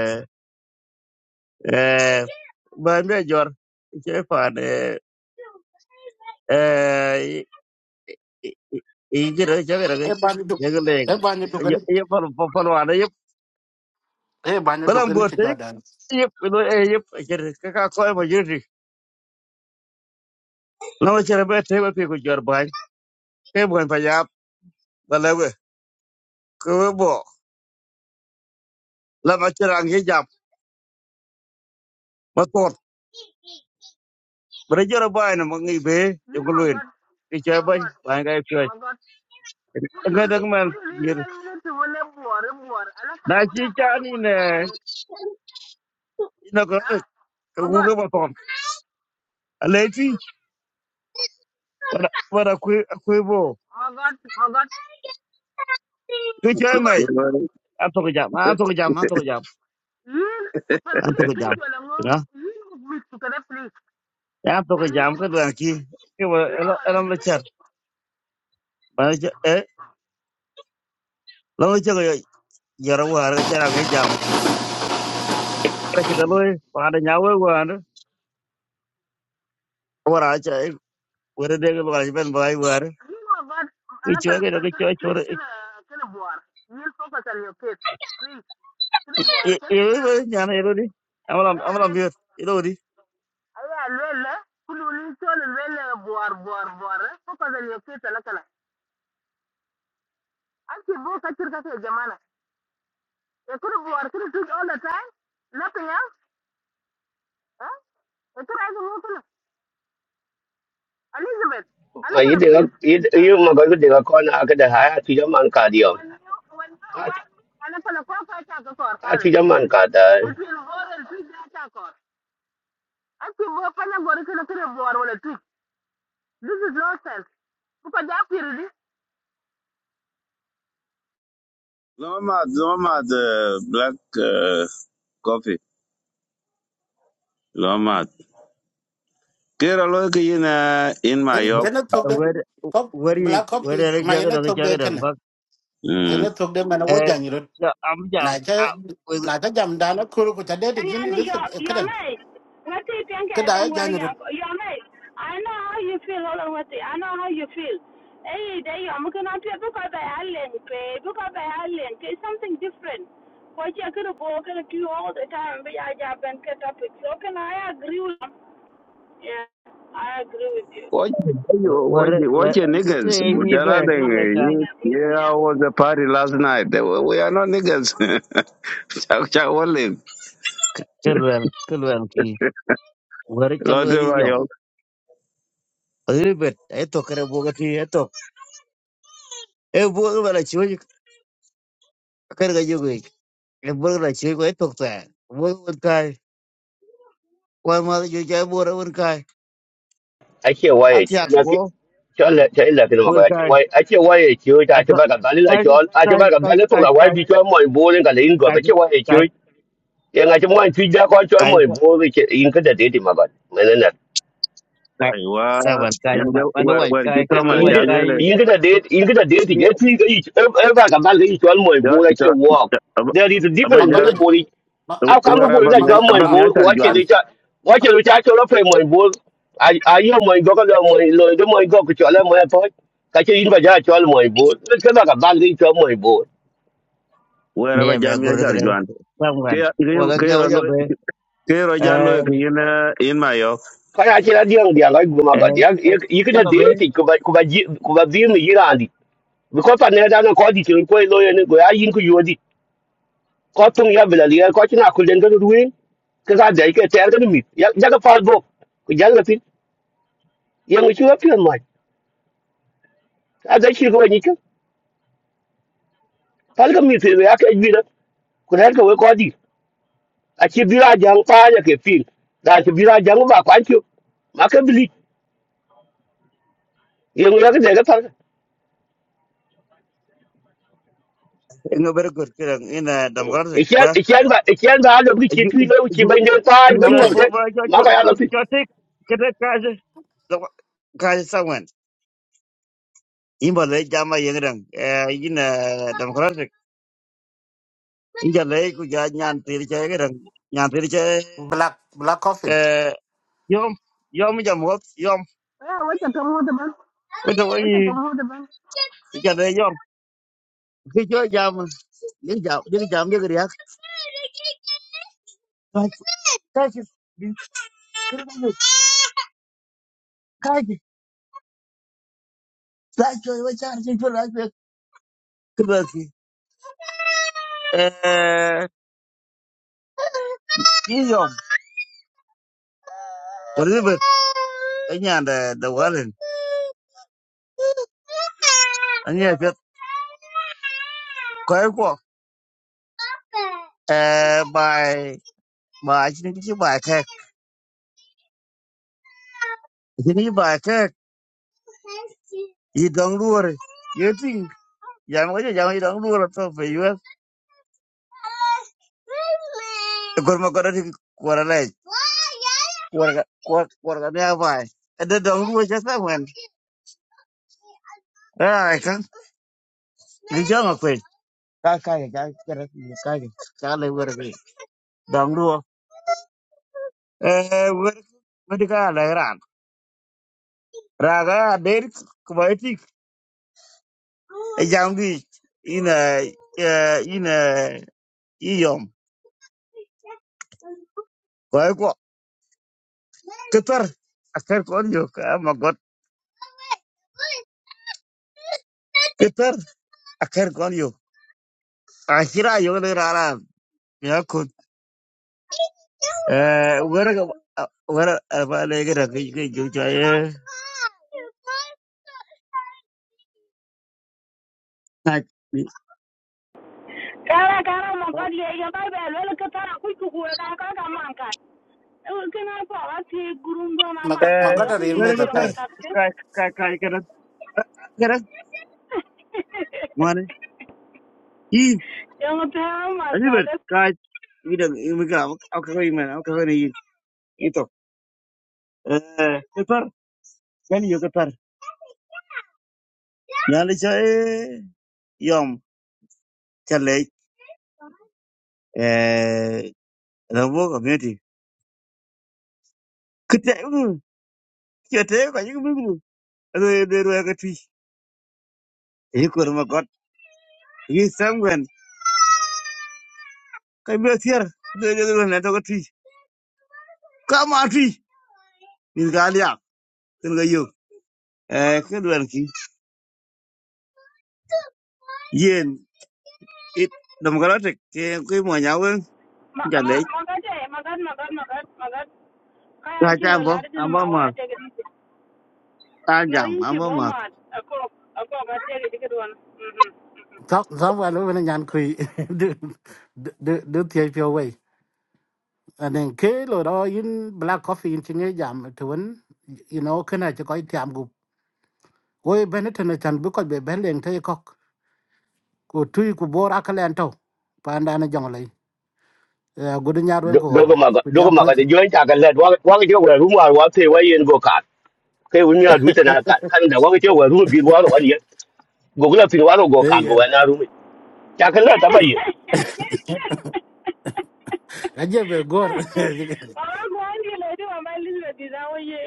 [SPEAKER 4] eh ba mi jor ka pa da ijira jagara ga
[SPEAKER 5] e ba ni do
[SPEAKER 4] jagaleng
[SPEAKER 5] e ba ni do
[SPEAKER 4] yep pal pal wada yep
[SPEAKER 5] Eh, bana
[SPEAKER 4] kalam
[SPEAKER 5] dogani ci
[SPEAKER 4] gorte
[SPEAKER 5] Jordan.
[SPEAKER 4] yep do e yep jere ka ka ko ma jere na ma jere be te ba pe ko jor ba ke bon pa yap bala we ko we bo la ma jere ang hijab ma tot bre jere ba na ma ngi be yo
[SPEAKER 2] Yiri
[SPEAKER 4] ko luen
[SPEAKER 2] magot,
[SPEAKER 4] ke che ba
[SPEAKER 2] magot,
[SPEAKER 4] ba ga pe
[SPEAKER 2] magot. Kudu,
[SPEAKER 4] ga da man
[SPEAKER 2] kudu ni
[SPEAKER 4] bir
[SPEAKER 2] lwe lwe tu wune buwari buwari. Ana
[SPEAKER 4] na
[SPEAKER 2] kala
[SPEAKER 4] chi
[SPEAKER 2] wuna
[SPEAKER 4] cha
[SPEAKER 2] kame
[SPEAKER 4] ni
[SPEAKER 2] for
[SPEAKER 4] ne
[SPEAKER 2] that guy.
[SPEAKER 4] na ko
[SPEAKER 2] Eh?
[SPEAKER 4] ko gu
[SPEAKER 2] Magot,
[SPEAKER 4] ga ma ton ale ti bara ko ko bo
[SPEAKER 2] magot, magot,
[SPEAKER 4] ke che
[SPEAKER 2] magot.
[SPEAKER 4] An tok jam, an tok jam, an tok jam,
[SPEAKER 2] Yin,
[SPEAKER 4] an
[SPEAKER 2] falkani
[SPEAKER 4] tok jam.
[SPEAKER 2] tunki wala ngo.
[SPEAKER 4] You know?
[SPEAKER 2] Yin, please, please.
[SPEAKER 4] An tok
[SPEAKER 2] Can
[SPEAKER 4] jam ka
[SPEAKER 2] you?
[SPEAKER 4] duan ki. Ki wa
[SPEAKER 2] No,
[SPEAKER 4] ela ela la
[SPEAKER 2] listen.
[SPEAKER 4] chat. Ba cha e lo cha ga yara wa ga cha ga jam. Ka cha ga loy wa da nya wa wa da. Wa ra cha e wa de ga ba ben ba wa da.
[SPEAKER 2] We want.
[SPEAKER 4] Ki
[SPEAKER 2] All of the
[SPEAKER 4] chwa ga
[SPEAKER 2] people.
[SPEAKER 4] ga chwa
[SPEAKER 2] Please,
[SPEAKER 4] chwa.
[SPEAKER 2] can can the bear? You'll focus on your kids. Please, can the bear?
[SPEAKER 4] E
[SPEAKER 2] Can
[SPEAKER 4] e
[SPEAKER 2] you? Aye,
[SPEAKER 4] ba nya na e lo di. Amala amala
[SPEAKER 2] aye.
[SPEAKER 4] mi e lo di.
[SPEAKER 2] Aye, well. Can you listen well? Bear, bear, bear. Focus on your kids, all of them. Okay, but catch her, catch her, Jamaa. If you bear, if you do all the time, nothing else. Huh? If you are doing nothing, nothing at all.
[SPEAKER 6] mà ý định ý ý mà có cái định con à cái đại hai à, thì cho man cả điều à
[SPEAKER 2] I know that you
[SPEAKER 6] à
[SPEAKER 2] are.
[SPEAKER 6] thì cho man cả đấy
[SPEAKER 2] between all and three data core. Actually, more fun about it than a war or a trick. This is nonsense. Because that period,
[SPEAKER 3] lomat lomat eh, black uh, coffee lomat kera lo ke yina in my york
[SPEAKER 5] Ena togde
[SPEAKER 4] Wa de
[SPEAKER 5] cop
[SPEAKER 4] wa ri
[SPEAKER 5] black
[SPEAKER 4] wa
[SPEAKER 5] coffee
[SPEAKER 4] de
[SPEAKER 5] ma
[SPEAKER 4] ga
[SPEAKER 5] ena
[SPEAKER 4] ga ga
[SPEAKER 5] togde
[SPEAKER 4] ga ga
[SPEAKER 5] kana.
[SPEAKER 4] ba.
[SPEAKER 5] Ena
[SPEAKER 3] mm
[SPEAKER 5] togde mana
[SPEAKER 4] E
[SPEAKER 5] wo janyiro.
[SPEAKER 4] cha am jam.
[SPEAKER 5] Na cha
[SPEAKER 4] A wa
[SPEAKER 5] na cha jam dana kuru ko cha de jindi lisa kada kada ya janyiro.
[SPEAKER 1] how you feel. Hey, they are mungkin nanti aku kau bayar pay, aku kau bayar link. It's something different. What you gonna go, gonna do all the time, but I have been cut up with. So can I agree with you? Yeah, I agree with you.
[SPEAKER 3] Watch,
[SPEAKER 4] wa
[SPEAKER 3] watch,
[SPEAKER 4] wa
[SPEAKER 3] watch your
[SPEAKER 4] cái
[SPEAKER 3] niggas.
[SPEAKER 4] cái gì
[SPEAKER 3] Budala
[SPEAKER 4] vậy
[SPEAKER 3] thing.
[SPEAKER 1] I'm
[SPEAKER 4] cái
[SPEAKER 1] listening, I'm
[SPEAKER 3] Yeah, I
[SPEAKER 1] listening.
[SPEAKER 3] was a party last night. They were- We are not niggas. Chak chak wale.
[SPEAKER 4] kelwen kelwen ki wari
[SPEAKER 3] Lote
[SPEAKER 4] chalweri
[SPEAKER 3] ba
[SPEAKER 4] yom
[SPEAKER 3] yo
[SPEAKER 4] ribet eto kare boga ti eto e boga bala chiwi kare ga jogi e boga la chiwi ko eto ta boga won kai kwa ma jo ja bora won kai
[SPEAKER 6] ai chịu quay
[SPEAKER 4] atyak
[SPEAKER 6] nó
[SPEAKER 4] bo
[SPEAKER 6] cái cho là thế là cái mà
[SPEAKER 4] won
[SPEAKER 6] gọi chịu
[SPEAKER 4] kai
[SPEAKER 6] quay ai chịu quay chịu ta cho
[SPEAKER 4] ato
[SPEAKER 6] bạn gặp bạn là
[SPEAKER 4] kai
[SPEAKER 6] cho à cho
[SPEAKER 4] kai
[SPEAKER 6] bạn gặp
[SPEAKER 4] kai
[SPEAKER 6] bạn thuộc
[SPEAKER 4] kai
[SPEAKER 6] là quay
[SPEAKER 4] kai
[SPEAKER 6] vì cho mọi bố nên cả lấy người
[SPEAKER 4] kai
[SPEAKER 6] phải chịu quay chịu
[SPEAKER 4] kai
[SPEAKER 6] cái ngày chúng mình truy ra con cho
[SPEAKER 4] kai
[SPEAKER 6] mọi bố vì cái in cái đại thì mà gọi mà nên là
[SPEAKER 4] kai
[SPEAKER 3] kai wa.
[SPEAKER 4] sawan kai ma
[SPEAKER 3] Yande
[SPEAKER 4] mana
[SPEAKER 3] wer
[SPEAKER 4] wai
[SPEAKER 3] wer
[SPEAKER 4] kai kai
[SPEAKER 3] kita
[SPEAKER 4] mana
[SPEAKER 3] mal
[SPEAKER 6] in
[SPEAKER 4] wai
[SPEAKER 6] cái
[SPEAKER 3] jal
[SPEAKER 4] kai
[SPEAKER 3] wele.
[SPEAKER 6] in cái đại in cái đại thì cái truy cái gì em em bạn gặp bạn cái gì cho mọi
[SPEAKER 3] Ja
[SPEAKER 6] bố là
[SPEAKER 3] ja
[SPEAKER 6] chịu walk
[SPEAKER 3] ja- aba
[SPEAKER 6] there is a
[SPEAKER 3] aba
[SPEAKER 5] Ma
[SPEAKER 6] difference
[SPEAKER 3] jal
[SPEAKER 6] between
[SPEAKER 5] gode.
[SPEAKER 6] body
[SPEAKER 5] Ma
[SPEAKER 6] How
[SPEAKER 5] ma
[SPEAKER 6] come the
[SPEAKER 3] wer
[SPEAKER 5] god
[SPEAKER 6] bull
[SPEAKER 3] aba
[SPEAKER 5] ma
[SPEAKER 6] that
[SPEAKER 3] mi
[SPEAKER 6] you have
[SPEAKER 5] god
[SPEAKER 6] my
[SPEAKER 3] aba
[SPEAKER 5] pala.
[SPEAKER 3] mi
[SPEAKER 6] bull?
[SPEAKER 3] tar
[SPEAKER 6] Watch it,
[SPEAKER 3] juan.
[SPEAKER 5] Pal
[SPEAKER 6] Richard. Watch
[SPEAKER 5] pa-
[SPEAKER 6] it, which i You pay my bull. I I hear my dog and my lord, my dog, which you are my boy. Catch it in by that, you are my bull. Let's get like a bag into my bull.
[SPEAKER 3] Wer
[SPEAKER 4] me
[SPEAKER 3] aba
[SPEAKER 4] me
[SPEAKER 3] jam mi
[SPEAKER 4] gurur
[SPEAKER 3] tar
[SPEAKER 4] kare
[SPEAKER 3] juan.
[SPEAKER 4] samwan
[SPEAKER 3] Ke ke
[SPEAKER 4] wala
[SPEAKER 3] ke
[SPEAKER 4] kya
[SPEAKER 3] ro lo
[SPEAKER 4] wajabe
[SPEAKER 3] ke ro jal
[SPEAKER 4] eh
[SPEAKER 3] ke yin in ma yo.
[SPEAKER 6] i chila diang diang ay gumaga diang
[SPEAKER 4] eh
[SPEAKER 6] ikin na
[SPEAKER 4] jaga
[SPEAKER 6] deo ti kuba kuba ji kuba diyo ni yirandi because pa neda na kodi chilo go. ilo yun ko ay yun ko yodi ko tung ya bila liya ko china kulen i duwe kaza da yake tayar da mi ya ga farbo ku jalla fit ya mu shi wafi mai a da shi ruwan yake pal ka mi te ya ka jira ku ran ka we ko di a ci bira jang pa ya ke fil da ci bira jang ba kwan ci ma ka bili ye ngura ka daga pal
[SPEAKER 4] nga bar gor kiran ina dam garzik
[SPEAKER 6] ikian
[SPEAKER 4] ba
[SPEAKER 6] ikian ba ikian ba da bi ci tu lo ci ban jang pa
[SPEAKER 4] jiri
[SPEAKER 6] ban
[SPEAKER 4] joy
[SPEAKER 6] ngor
[SPEAKER 5] okay.
[SPEAKER 4] bo
[SPEAKER 6] ka
[SPEAKER 4] ba jo
[SPEAKER 6] ma
[SPEAKER 4] jo
[SPEAKER 6] ka ya
[SPEAKER 4] jo
[SPEAKER 6] la fi
[SPEAKER 4] jo tik kada kaje kaje sawan imba le jama yengrang ina dam garzik inja le ku ja nyan tir che gerang nyan tir che
[SPEAKER 5] Black black coffee.
[SPEAKER 4] yom yom jam hot yom
[SPEAKER 2] yeah, what's a come with the bank?
[SPEAKER 4] wata
[SPEAKER 2] What's
[SPEAKER 4] wani
[SPEAKER 2] a come with the bank?
[SPEAKER 4] ja le yom ki jo jam ni jam ni jam ge riak kaje kaje kaje la joy wa char che jo la ke kada ki e, Yom, Elizabeth, anh là đầu gà lên, anh nhà biết có ai qua, bài bài chính cái bài khác, chính cái bài khác, gì đóng đua rồi, giờ tin, giờ mới giờ mới đóng đua rồi, tôi phải yêu, còn mà còn đi qua lại, qua qua qua cái này bài, để đóng đua chắc sao mình, à không, đi chơi mà quên, cái cái cái cái cái cái cái lấy vừa rồi, đóng đua, vừa vừa đi cái này ra. Raga Amerik kumaiti jambi ina eh, ina iyom koi ko ketar akar kon yo ka magot ketar akar kon yo akira yo le rara ya kun eh wera ga wera ba le ga ra ga ga jo ya na
[SPEAKER 1] Kara kara mongkot ye ye bai bai I ketara kui kuku ye kara kara mangkat. Ewe kena pa wa ti gurung do na
[SPEAKER 5] Ma ma
[SPEAKER 1] mangkat ye
[SPEAKER 4] eh
[SPEAKER 5] gode
[SPEAKER 1] kui
[SPEAKER 5] rir
[SPEAKER 1] yiti
[SPEAKER 5] me
[SPEAKER 4] wera
[SPEAKER 5] da
[SPEAKER 4] ga
[SPEAKER 1] ye
[SPEAKER 4] tar
[SPEAKER 5] tai.
[SPEAKER 1] ngotak ke.
[SPEAKER 4] ka ka ka ka ra ka ra mane i
[SPEAKER 1] Ye ngotak
[SPEAKER 4] ani ber
[SPEAKER 1] mangkat.
[SPEAKER 4] ka ida mi ga ka ka ni eh ipar kan yo par nyali cha e yom chale eh rabo community kete mm, kete ko yik bibu ro de ro ga twi e ko ma got yi samwen ka be tier de de ro na to ga twi ka ma twi ni ga lia ken ga yo eh ke dwan ki yen it democratic ke ke mo nyawe
[SPEAKER 1] my
[SPEAKER 4] chale
[SPEAKER 1] God, eh, my God, my God, my God.
[SPEAKER 4] ka
[SPEAKER 1] kaya ci
[SPEAKER 4] cha
[SPEAKER 1] ra
[SPEAKER 4] bo
[SPEAKER 1] la de
[SPEAKER 4] ambo
[SPEAKER 1] ma
[SPEAKER 4] ma
[SPEAKER 1] wa te
[SPEAKER 4] ta
[SPEAKER 1] no
[SPEAKER 4] jam
[SPEAKER 1] yin ci
[SPEAKER 4] ambo
[SPEAKER 1] bo
[SPEAKER 4] ma
[SPEAKER 1] ma ko ko ga te ge don mhm
[SPEAKER 5] Sam sam wa lo wena nyan kui. Du du du tie pio wei. And then ke lo đó in black coffee in chinge jam to win you know kana cha koi tiam Woi Benetton na chan bi ko be ben leng te kok. Ko tui ku bor akale an to. Pa anda na jong lay. Gudu nyar wen ko gol.
[SPEAKER 6] dogo ma ga
[SPEAKER 5] Ku ja
[SPEAKER 6] dogo ma
[SPEAKER 5] ko.
[SPEAKER 6] ga de join ta ga lad wa wa ga je wa ru wa wa te wa yen go ka kai wani ya duta na ka kan da wa ga je wa ru bi wa ro ani go gula fi wa ro go
[SPEAKER 5] Eh
[SPEAKER 6] ka go
[SPEAKER 5] yen.
[SPEAKER 6] wa na ru mi ta ka lad ta ba ye
[SPEAKER 5] Aje be gor.
[SPEAKER 1] wa wa ko an di le di ma li le di da wo ye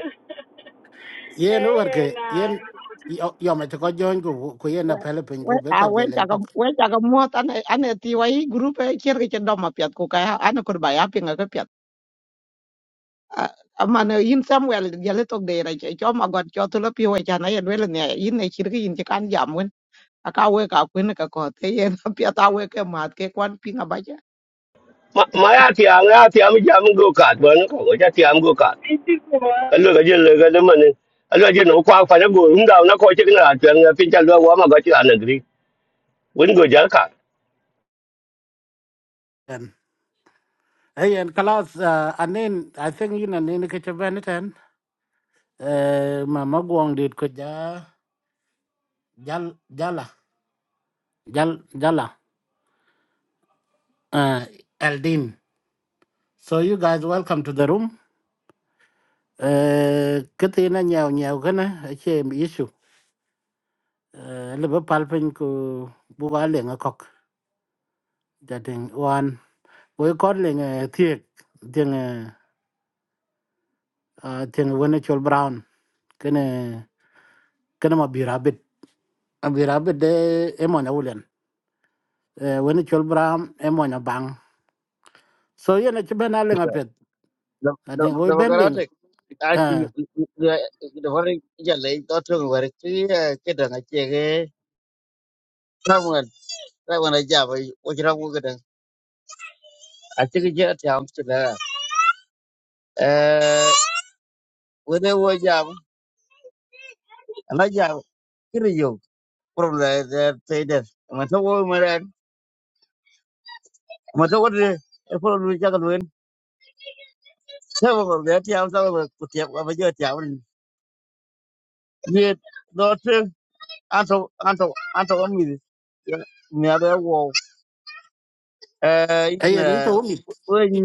[SPEAKER 5] Yen
[SPEAKER 1] eh
[SPEAKER 5] war
[SPEAKER 1] eh,
[SPEAKER 5] ke
[SPEAKER 1] na
[SPEAKER 5] yen yo yo ma ko join ku ku yen na pele pin
[SPEAKER 7] we
[SPEAKER 5] ku be
[SPEAKER 7] a
[SPEAKER 5] ko
[SPEAKER 7] we
[SPEAKER 5] be len
[SPEAKER 7] chaka
[SPEAKER 5] kok.
[SPEAKER 7] we chaka mot ane ane tiwa i group e kier ke chendo ma piat ku ka ane kur ba ya pinga ke piat amane in samuel gele tok de ra che cho ma god cho tulo pi we chana ye wele ne in ne chir ke in che kan jam wen aka we ka kun ka ko te ye na piat a we ke mat ke kwan pinga ba ja
[SPEAKER 6] ma ma ya ti an ya ti am jam go ka ba na ka ja ti am go ka ka lo ga je lo ga de man a lo je no kwa kwa na go rum da na ko che na twa na pin cha lo wa ma ga chi an gri won go jar ka
[SPEAKER 5] Yen. Eh yen kalas uh, anen I think yin anen ke che Benetton. Eh mama gwong dit ko ja jal jala jal jala. Uh, Eldin. So you guys welcome to the room. Eh, cái tin nó nhiều nhiều cái này chế mi isu là bắp palpin của bu ba lệ ngọc kok gia đình oan với con lệ ngài thiệt tiếng à tiếng chol brown cái này cái này mà bị rabbit à bị rabbit đấy em liền vân chol brown em muốn bang so yên là chỉ bên nào lệ ngọc pet à tiếng với bên lệ
[SPEAKER 4] democratic I think
[SPEAKER 5] à
[SPEAKER 4] the very jale daughter were three kedang a chege someone that when I jab what you don't get I think it jet jam to that uh when they were jam and I jab kiri yo problem that say that mà thấu ôi mà đàn mà thấu ôi phô lu chắc luôn theo mà còn bé theo sao mà cụt tiệp mà bây giờ theo mình như đó chứ ăn thấu ăn thấu ăn thấu ăn mì mẹ bé wow ờ
[SPEAKER 5] ấy
[SPEAKER 4] in
[SPEAKER 5] anh
[SPEAKER 4] ờ
[SPEAKER 5] itu mit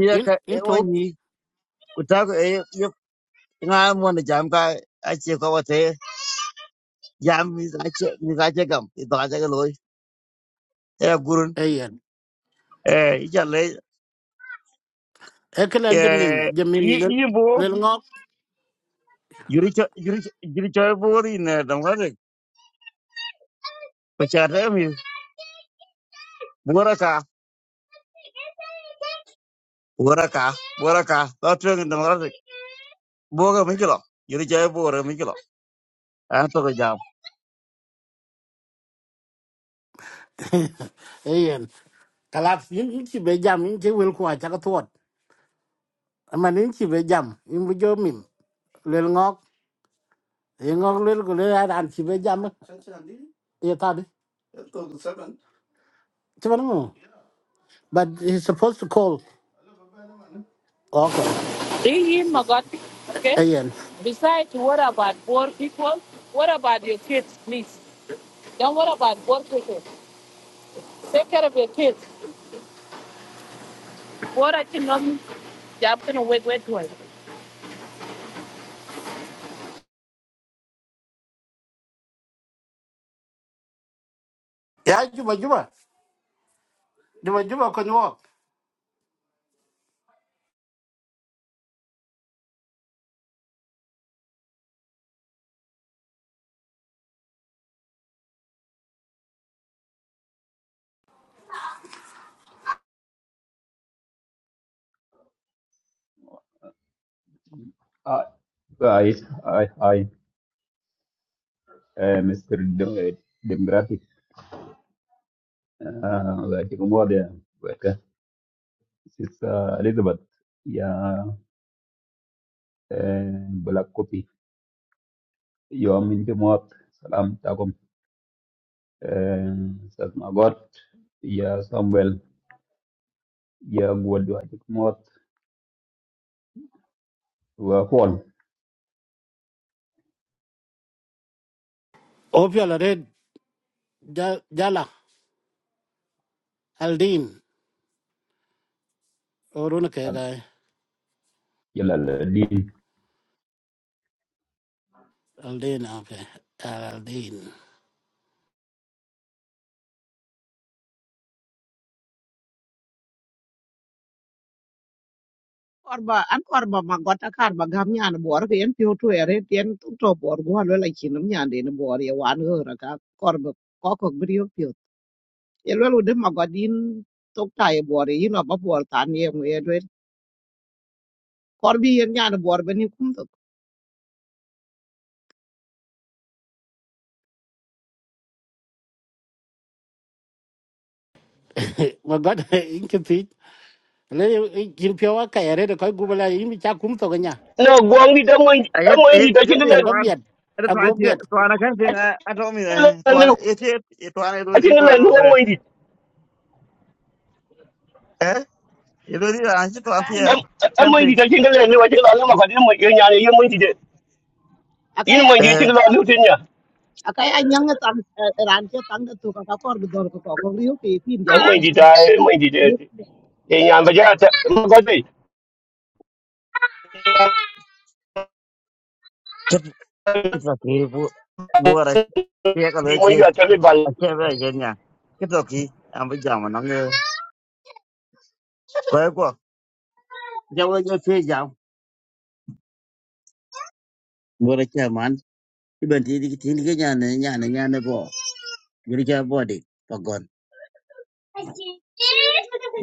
[SPEAKER 5] in
[SPEAKER 4] cái
[SPEAKER 5] in to
[SPEAKER 4] ôi nhia Kutaka eh yo nga mo na jam ka ache ko wate jam mi ache mi ache gam i to ache ga loy e gurun
[SPEAKER 5] ấy anh
[SPEAKER 4] eh i jale
[SPEAKER 5] eklan jemim
[SPEAKER 4] eh i
[SPEAKER 5] jemim
[SPEAKER 4] i bo
[SPEAKER 5] lel ngọc
[SPEAKER 4] yuri cho yuri yuri cho bo ri na dam ga de pa cha re mi bora ka bora ka bora ka to tro ngi dam ga de bo ga mi kilo yuri cho bo ra mi kilo an to ga jam
[SPEAKER 5] ấy kalat yin in chi be jam in chi wil kwa cha ka thot man in chi be jam in bu jo mim lel ngok e ngok lel ko le ad an chi be jam e ta di chi ban ngo but he's supposed to call okay
[SPEAKER 2] Really, my God. Okay.
[SPEAKER 5] ayen
[SPEAKER 2] Besides, what about poor people? What about your kids, please? Don't worry about poor people? Take care of your kids. Poor are you not? You're going to wait, wait, wait.
[SPEAKER 5] ya juba juba juba juba ko nyo
[SPEAKER 8] I, I, I, I, uh, Mr. Dem- uh, Demographic, uh, like Umoja, like uh, it's uh, Elizabeth, yeah, uh, black copy. You are minti muat, salam takum, uh, sas magot, ya Samuel, ya gwadwa chik muat, wa Paul,
[SPEAKER 5] opia la red Ja- jala aldin oruna ke ga
[SPEAKER 8] yala
[SPEAKER 5] aldin okay aldin
[SPEAKER 7] korba an korba ma god ta kar ba gam nyan bor ke en piu tu ere tien tu to bor go lo la chinum nyan de ne bor ye wan ho ra ka korba ko ko brio ye lwel wede magodin tok ta ye bor ye no ba bor tan ye mu ye lwel kor bi yen nyan bor be ni kum tok
[SPEAKER 5] ma god in chi pi le in chi pyo ka ya red ko gubala in mi cha kum to ganya
[SPEAKER 6] no gong di da mo
[SPEAKER 4] ay
[SPEAKER 6] da mo
[SPEAKER 4] ay
[SPEAKER 6] di da
[SPEAKER 4] ga
[SPEAKER 6] chi
[SPEAKER 4] te
[SPEAKER 6] le
[SPEAKER 5] kan
[SPEAKER 4] to
[SPEAKER 5] ba
[SPEAKER 4] an
[SPEAKER 5] biat
[SPEAKER 4] ada to ai
[SPEAKER 5] ago
[SPEAKER 4] to an kan te
[SPEAKER 6] a
[SPEAKER 4] a to mi
[SPEAKER 6] chi
[SPEAKER 4] to an
[SPEAKER 6] le
[SPEAKER 4] e te to an e do
[SPEAKER 6] a chi
[SPEAKER 4] ri to
[SPEAKER 6] le lo mo
[SPEAKER 4] an
[SPEAKER 6] di
[SPEAKER 4] Ilo ilo anchi to
[SPEAKER 7] aka
[SPEAKER 4] ampia
[SPEAKER 6] a mo di
[SPEAKER 4] camping.
[SPEAKER 6] da chi le lo a chi le ma ka di mo ye nya ye mo di de
[SPEAKER 7] aka
[SPEAKER 6] in mo di
[SPEAKER 7] aka
[SPEAKER 6] chi
[SPEAKER 4] Eh,
[SPEAKER 6] le lo tin nya
[SPEAKER 7] aka anyang tan ran che tan de tok aka kor bi dor ko ko riyo ke tin jal
[SPEAKER 6] a mo di da mo di de ye nya ba ja ta mo go de
[SPEAKER 4] kita kita kiri bu buara kia
[SPEAKER 6] bi
[SPEAKER 4] kalau
[SPEAKER 6] mo
[SPEAKER 4] kia
[SPEAKER 6] ya ta le
[SPEAKER 4] kia bela jenya. Kita ki ambil jam mana nge. Kau kau jauh jauh kia jam. Buara kia man. Iban tiri tiri kia nyane nyane nyane bo. Jadi kia body pagon.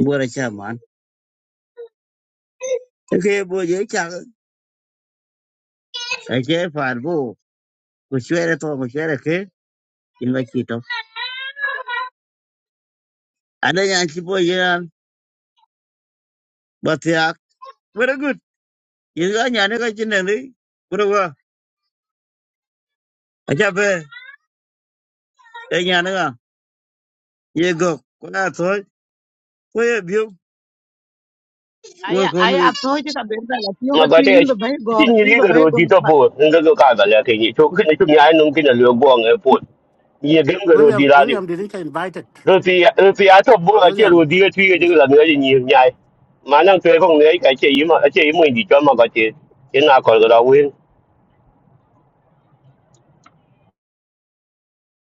[SPEAKER 4] Buara kia man. Oke bu jadi kia. Kia far bu. Kusuara to kusuara ke. Ingat kita. Ada yang si bu jalan batiak. Very good. Yin ga nya ne ga chin ne ni. Kuro wa. A cha pe e nya ne ga. Ye go ko na to ko ye bi wo
[SPEAKER 7] aya
[SPEAKER 4] ko ni ge.
[SPEAKER 7] aya to je ka ben da ti yo ka
[SPEAKER 6] mà
[SPEAKER 7] tu
[SPEAKER 6] có thể
[SPEAKER 7] in be bay go
[SPEAKER 6] chính như
[SPEAKER 7] in
[SPEAKER 6] cái
[SPEAKER 7] be bay
[SPEAKER 6] rồi
[SPEAKER 7] go
[SPEAKER 6] đi tập
[SPEAKER 7] ba
[SPEAKER 6] bộ nên cái cái đó là cái gì chỗ cái này chúng nhà nông cái này lừa quăng cái bộ như cái cái rồi đi
[SPEAKER 5] William
[SPEAKER 6] ra đi
[SPEAKER 5] William didn't get invited.
[SPEAKER 6] rồi thì rồi thì ai tập bộ là cái rồi
[SPEAKER 5] William,
[SPEAKER 6] đi cái thuê cái là người gì nhiều nhà mà năng thuê không người cái chơi mà chơi mình đi cho mà có thể cái nào còn cái đó quên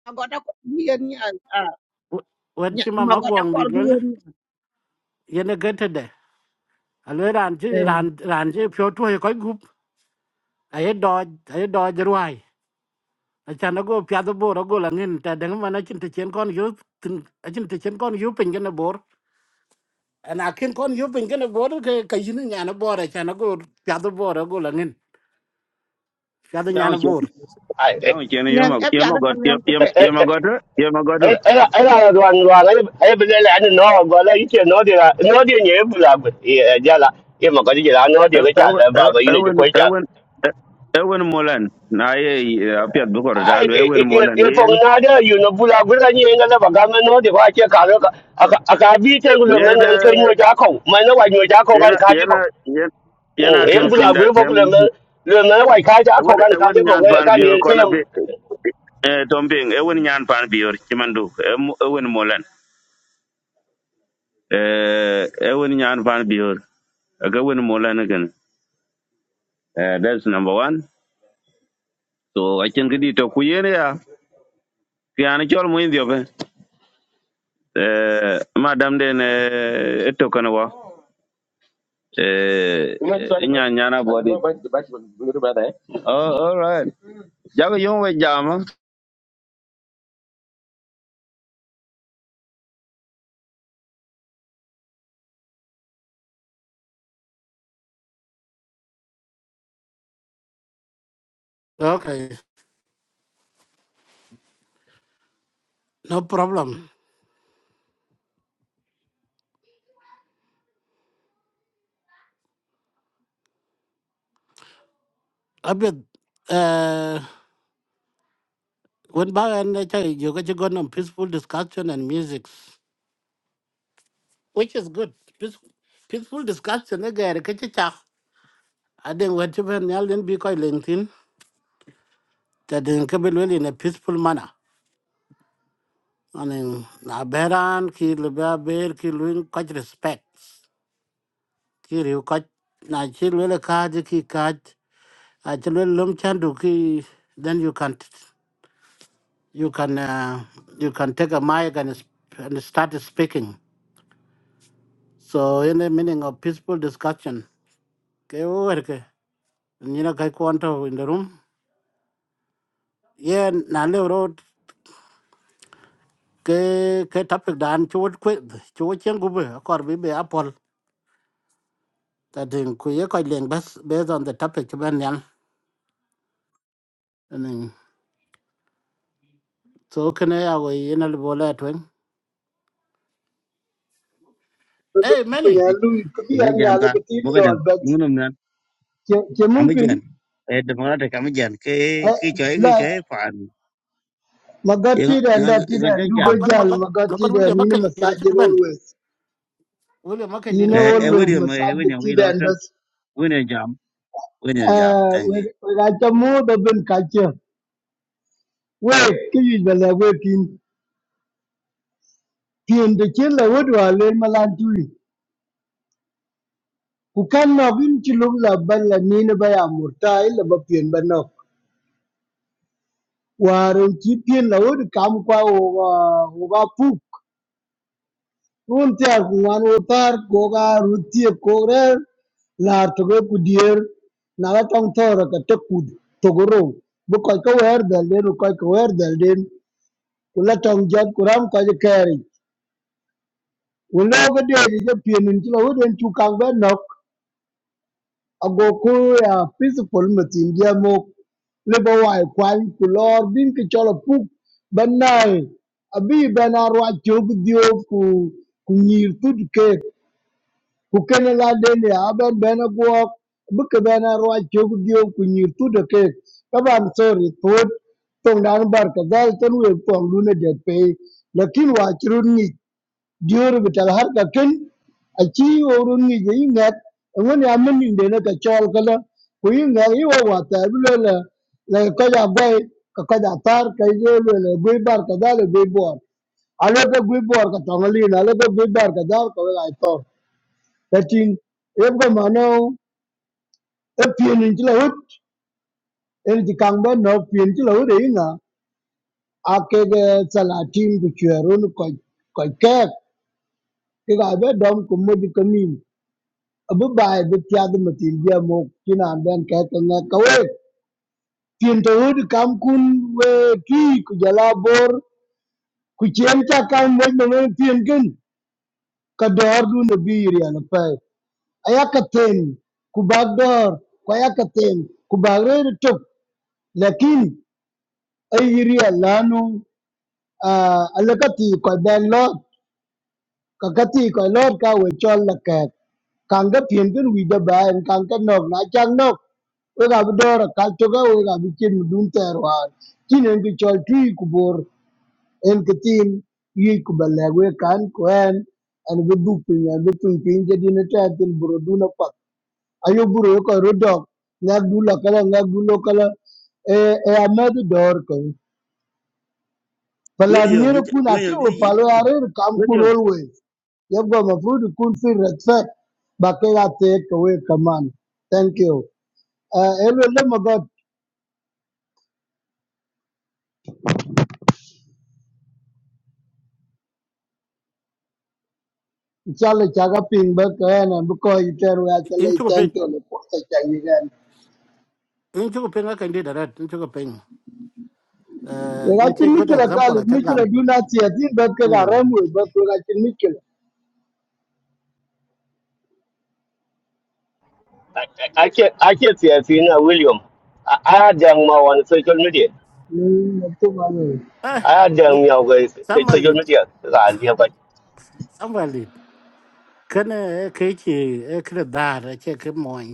[SPEAKER 7] magoda ko bi yen
[SPEAKER 5] w- when
[SPEAKER 7] nyan
[SPEAKER 5] Chima
[SPEAKER 7] magoda
[SPEAKER 5] Magwang
[SPEAKER 7] kor
[SPEAKER 5] did
[SPEAKER 7] bi
[SPEAKER 5] well,
[SPEAKER 7] yen
[SPEAKER 5] Yene get it there. Alo ranji ran ranji pure to a quite group. I had dodge, I had dodge ruai. A chanago piado bor a goal and in Tadangman I can to chen con you I can to chen con you ping in a bor. And I can con you ping in a bor kajin yan a bor a chanago piado bor a goal and in. Piado yan
[SPEAKER 3] Yawo
[SPEAKER 5] a
[SPEAKER 3] chen
[SPEAKER 5] bor.
[SPEAKER 6] ai ấy
[SPEAKER 3] yawo chen yo
[SPEAKER 7] ngang
[SPEAKER 3] ma
[SPEAKER 7] e
[SPEAKER 3] yo
[SPEAKER 7] pya
[SPEAKER 3] ma
[SPEAKER 7] da
[SPEAKER 3] got yo
[SPEAKER 7] kan
[SPEAKER 3] yo
[SPEAKER 6] ấy
[SPEAKER 3] ma got yo ma got.
[SPEAKER 6] ấy là đoàn đoàn ấy ấy bây giờ là anh nó gọi là cái nó đi là nó đi nhớ là giờ là nhưng mà có cái là nó đi cái chả
[SPEAKER 3] Ewen
[SPEAKER 6] là vào cái này chụp
[SPEAKER 3] ewen
[SPEAKER 6] quay chặt
[SPEAKER 3] ewen ewen molan. Na ye apiat bu ko ewen molan yen.
[SPEAKER 6] yetong nada you, no bula gura ni nga la baga ma no de wa che ka ka aka bi te gulo men
[SPEAKER 3] Yen
[SPEAKER 6] you, ke nyo ja ko ma na wa nyo ja ko kan
[SPEAKER 3] Yana
[SPEAKER 6] you, je
[SPEAKER 3] yana
[SPEAKER 6] ko
[SPEAKER 3] yana yana
[SPEAKER 6] yen
[SPEAKER 3] tem tun
[SPEAKER 6] bula
[SPEAKER 3] da
[SPEAKER 6] gura bo gulo
[SPEAKER 3] tem.
[SPEAKER 6] men le na wa ka ja
[SPEAKER 3] Ewen
[SPEAKER 6] ko kan ka je
[SPEAKER 3] ewen
[SPEAKER 6] ko
[SPEAKER 3] nyan pan
[SPEAKER 6] ka
[SPEAKER 3] biyor
[SPEAKER 6] ni te
[SPEAKER 3] kona bi eh, tombing. Ewen nyan pan biyor chimandu. Em- Ewen molan. Eh, Ewen nyan pan biyor. Aga ewen molan again. Eh That's number one. So I can get it to kuyene ya. Kiyana chol mo indio be. Eh, Madam den eh, eto kana wa. Eh, eh, Nyan nyana body. Oh, all right. Jaga yung we jama.
[SPEAKER 5] Okay, no problem. A bit. uh, When Bar and Chai, you got gone on peaceful discussion and music, which is good. Peaceful, peaceful discussion, a guy, a kitchen. I didn't want to be an alien because LinkedIn, that didn't come well in a peaceful manner. I mean, na beran ki leba ber ki luin kaj respect ki riu kaj na chi lele kaj ki kaj I chi lele lom chandu ki then you can you can uh, you can take a mic and, sp- and start speaking. So in the meaning of peaceful discussion ke werke nyina kai kwanto in the room ye na le road ke ke topic dan chuột kwe chuột chen gube akor bi be apol ta ding ku ye ko leng bas based on the topic ben yan and so kene ya go yena le bola twen hey many
[SPEAKER 9] ya
[SPEAKER 4] E
[SPEAKER 9] lui kubi
[SPEAKER 4] ne
[SPEAKER 9] an ya
[SPEAKER 4] jam
[SPEAKER 9] nya
[SPEAKER 4] ka
[SPEAKER 9] le ti
[SPEAKER 4] mo ga
[SPEAKER 9] yo
[SPEAKER 4] dang.
[SPEAKER 9] bet
[SPEAKER 4] Mo nom nan.
[SPEAKER 9] ke ke
[SPEAKER 4] Am
[SPEAKER 9] mungkin
[SPEAKER 4] jan. E de ma ta kam jan ke
[SPEAKER 9] eh,
[SPEAKER 4] ke choi ke
[SPEAKER 9] la
[SPEAKER 4] choi pan. Yin
[SPEAKER 9] magati da
[SPEAKER 4] yin
[SPEAKER 9] anda
[SPEAKER 4] ga ye
[SPEAKER 9] ti da
[SPEAKER 4] ga
[SPEAKER 9] ndu go
[SPEAKER 4] jam.
[SPEAKER 5] makan
[SPEAKER 9] jal
[SPEAKER 5] makan makan
[SPEAKER 9] magati da
[SPEAKER 5] wule
[SPEAKER 9] ni na
[SPEAKER 5] makan di da
[SPEAKER 9] masajid
[SPEAKER 5] chuban
[SPEAKER 9] always
[SPEAKER 5] wule makan
[SPEAKER 9] you
[SPEAKER 5] di da
[SPEAKER 4] E
[SPEAKER 9] know
[SPEAKER 5] to in
[SPEAKER 4] e
[SPEAKER 5] the
[SPEAKER 4] wo
[SPEAKER 9] always
[SPEAKER 5] room
[SPEAKER 4] dio me wo
[SPEAKER 9] masajid
[SPEAKER 4] nya
[SPEAKER 9] ti
[SPEAKER 4] wi
[SPEAKER 9] da
[SPEAKER 4] ro
[SPEAKER 9] and
[SPEAKER 4] tra.
[SPEAKER 9] bas
[SPEAKER 4] Wo nya jam. Wo nya jam.
[SPEAKER 9] eh
[SPEAKER 4] Thank
[SPEAKER 9] we
[SPEAKER 4] you.
[SPEAKER 9] we ga ta mu da bin ka ke we ki yi da la we tin tin da ke la we do ale malan tui ku kan no bin ti lu la ban la ni na ba ya murta illa ba pien ba no warin ki pien la we kam kwa o wa o ba pu Wuntia utar koga rutie kore lar toge kudier na la tong tora ka tek kud togoro bu koy ka wer dal den koy ka wer dal den kula tong jot kuram ka je keri kulo ga de je je pien in chilo den chu kang ben nok ago ku ya peaceful matin dia mo le bo wai kwal kulor bin ki cholo puk banai abi ben arwa chog dio ku ku nyir tud ke kukene la dende aben bene guok bike bene ruac cök diou ku nyir tude kek taban sori thuot thoŋ dan bar kadhal ten wek poŋ dune det pei lakin wa curut ŋic dior bital har kaken aci worun ŋic yi ŋet eŋon ya min indene ka cɔl kala ku yi ŋet yi wa wa thɛr bi lwe le le kɔc agwɛi ka kɔc athar ka ye lwe le gwi bar kadhal e gwi buɔr ka gwi buɔr ka tɔŋ alin alwe ka gwi bar kadhal ka wek ai ta ting ep ka mano laut. pien in chila ut en ji kang ba no pien chila ut e nga a ke ge sala tim ku chero nu ko dom ku mo ji kanin abu bai be tia matin dia mo kina an ben ke ke nga ka we pien to ut kam kun we ki ku jala bor ku chen cha kam we no we pien kin du na bi ri an pa aya ka ten ku lakin Airia lanu uh, alakati koi ben lot kakati koi lot ka we chol la kek kang ka pien kin wi da ba en kang ka nok na chang nok we ga bu dor ka to ga we ga bi chin dun ter wa chin en ki chol tu ku bor en ki tin yi ku ba le we kan ko en an bi du pin an bi tun pin je din ta tin buru du na pa ayo buru ko ro dog na du la kala na du lo kala e e amed dor ko
[SPEAKER 4] Wo dio mo
[SPEAKER 9] Pelanier itu
[SPEAKER 4] wo
[SPEAKER 9] nak
[SPEAKER 4] nya
[SPEAKER 9] ke, orang
[SPEAKER 4] ji
[SPEAKER 9] palu arah itu
[SPEAKER 4] wo
[SPEAKER 9] kampun
[SPEAKER 4] dio.
[SPEAKER 9] always. Jepgo mafruh itu kunci reser. Baca lagi, kau itu keman? Thank you. Eh, eloklah moga. Cakap cakap pinback, kan? Bukau itu terus.
[SPEAKER 5] in
[SPEAKER 9] Terus,
[SPEAKER 5] chuko
[SPEAKER 9] thank
[SPEAKER 5] ping
[SPEAKER 9] you.
[SPEAKER 5] in chuko ping makan di da red in chuko ping uh
[SPEAKER 9] Lepas
[SPEAKER 5] in
[SPEAKER 9] itu
[SPEAKER 5] good
[SPEAKER 9] mikir
[SPEAKER 5] example
[SPEAKER 9] lagi.
[SPEAKER 5] a
[SPEAKER 9] Mikir
[SPEAKER 5] chagam
[SPEAKER 9] lagi, dua nanti. Zin berkerja
[SPEAKER 5] hmm
[SPEAKER 9] ramu. Berkerja mikir lagi.
[SPEAKER 6] ake ake tie fi na william a a dang ma on social media
[SPEAKER 9] Hmm, betul mana?
[SPEAKER 5] eh
[SPEAKER 6] a dang mi au ke
[SPEAKER 5] samuel
[SPEAKER 6] social
[SPEAKER 5] did
[SPEAKER 6] media ka je ba
[SPEAKER 5] samuel did kana kichi ekra dara che ke moy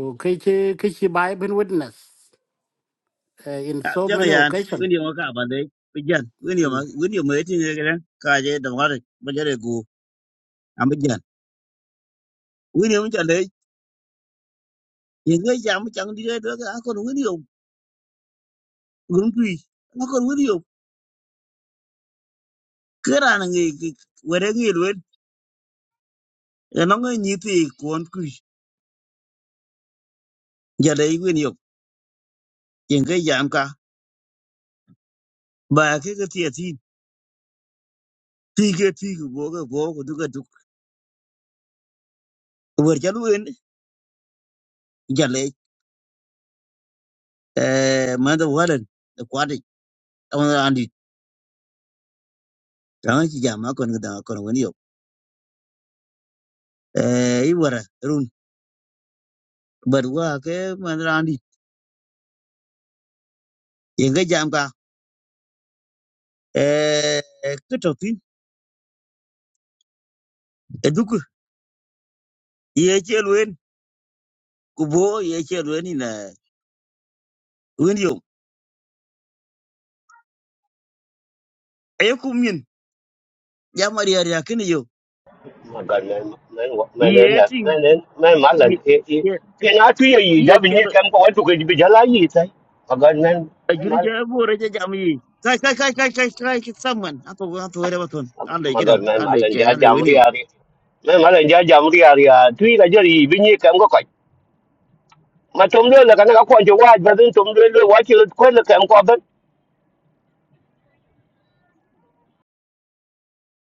[SPEAKER 5] o kichi kichi bai ben witness eh, in
[SPEAKER 4] Ya
[SPEAKER 5] so
[SPEAKER 4] cha ga
[SPEAKER 5] many
[SPEAKER 4] yan. Wo
[SPEAKER 5] occasion
[SPEAKER 4] dio ka ba de. Bây giờ, cái điều mà cái điều mới thì cái đó, cái gì đồng hóa được, bây giờ để cũ, wini yom chande ye ngai jam chang di de ga kon wini yom gum tui ma kon wini yom kera na ngai were ngai lwen e no ngai ni ti kon kui jade wini yom ye ngai jam ka ba ke ke ti ti ti ke ti ke bo ke bo ko du ke du wer chalu en jale e ma da walan de kwadi on andi tang chi jam ma kon da kon wini yom e i wara run bar wa ke ma da andi ye ngai jam ka e ke to ti e du ke ye che lwen ku bo ye che ru ni na wen yo e ku min ya ma ri ya kin yo
[SPEAKER 6] mà gần này này này này này
[SPEAKER 4] ye tin
[SPEAKER 6] này này này mà lần
[SPEAKER 4] ye
[SPEAKER 6] i i cái ngã tuy gì
[SPEAKER 4] ye
[SPEAKER 6] giá bình
[SPEAKER 4] che
[SPEAKER 6] như
[SPEAKER 4] do
[SPEAKER 6] kem có ai chụp cái bị giá lá gì thế mà gần này
[SPEAKER 4] a
[SPEAKER 6] này mà
[SPEAKER 4] juri ja bo re ja jam yi kai kai kai kai kai kai ki saman ato ato re baton ande
[SPEAKER 6] mà
[SPEAKER 4] gidan
[SPEAKER 6] gần này mà
[SPEAKER 4] ande
[SPEAKER 6] lần
[SPEAKER 4] ke
[SPEAKER 6] giá
[SPEAKER 4] ande
[SPEAKER 6] giảm
[SPEAKER 4] wen yo
[SPEAKER 6] đi à đi này mà lần giá giảm đi à đi à tuy là giờ gì bình như kem có coi mà trông đưa là cái nó có quan trọng quá và đến trông đưa là quá chỉ là quên là kem có bên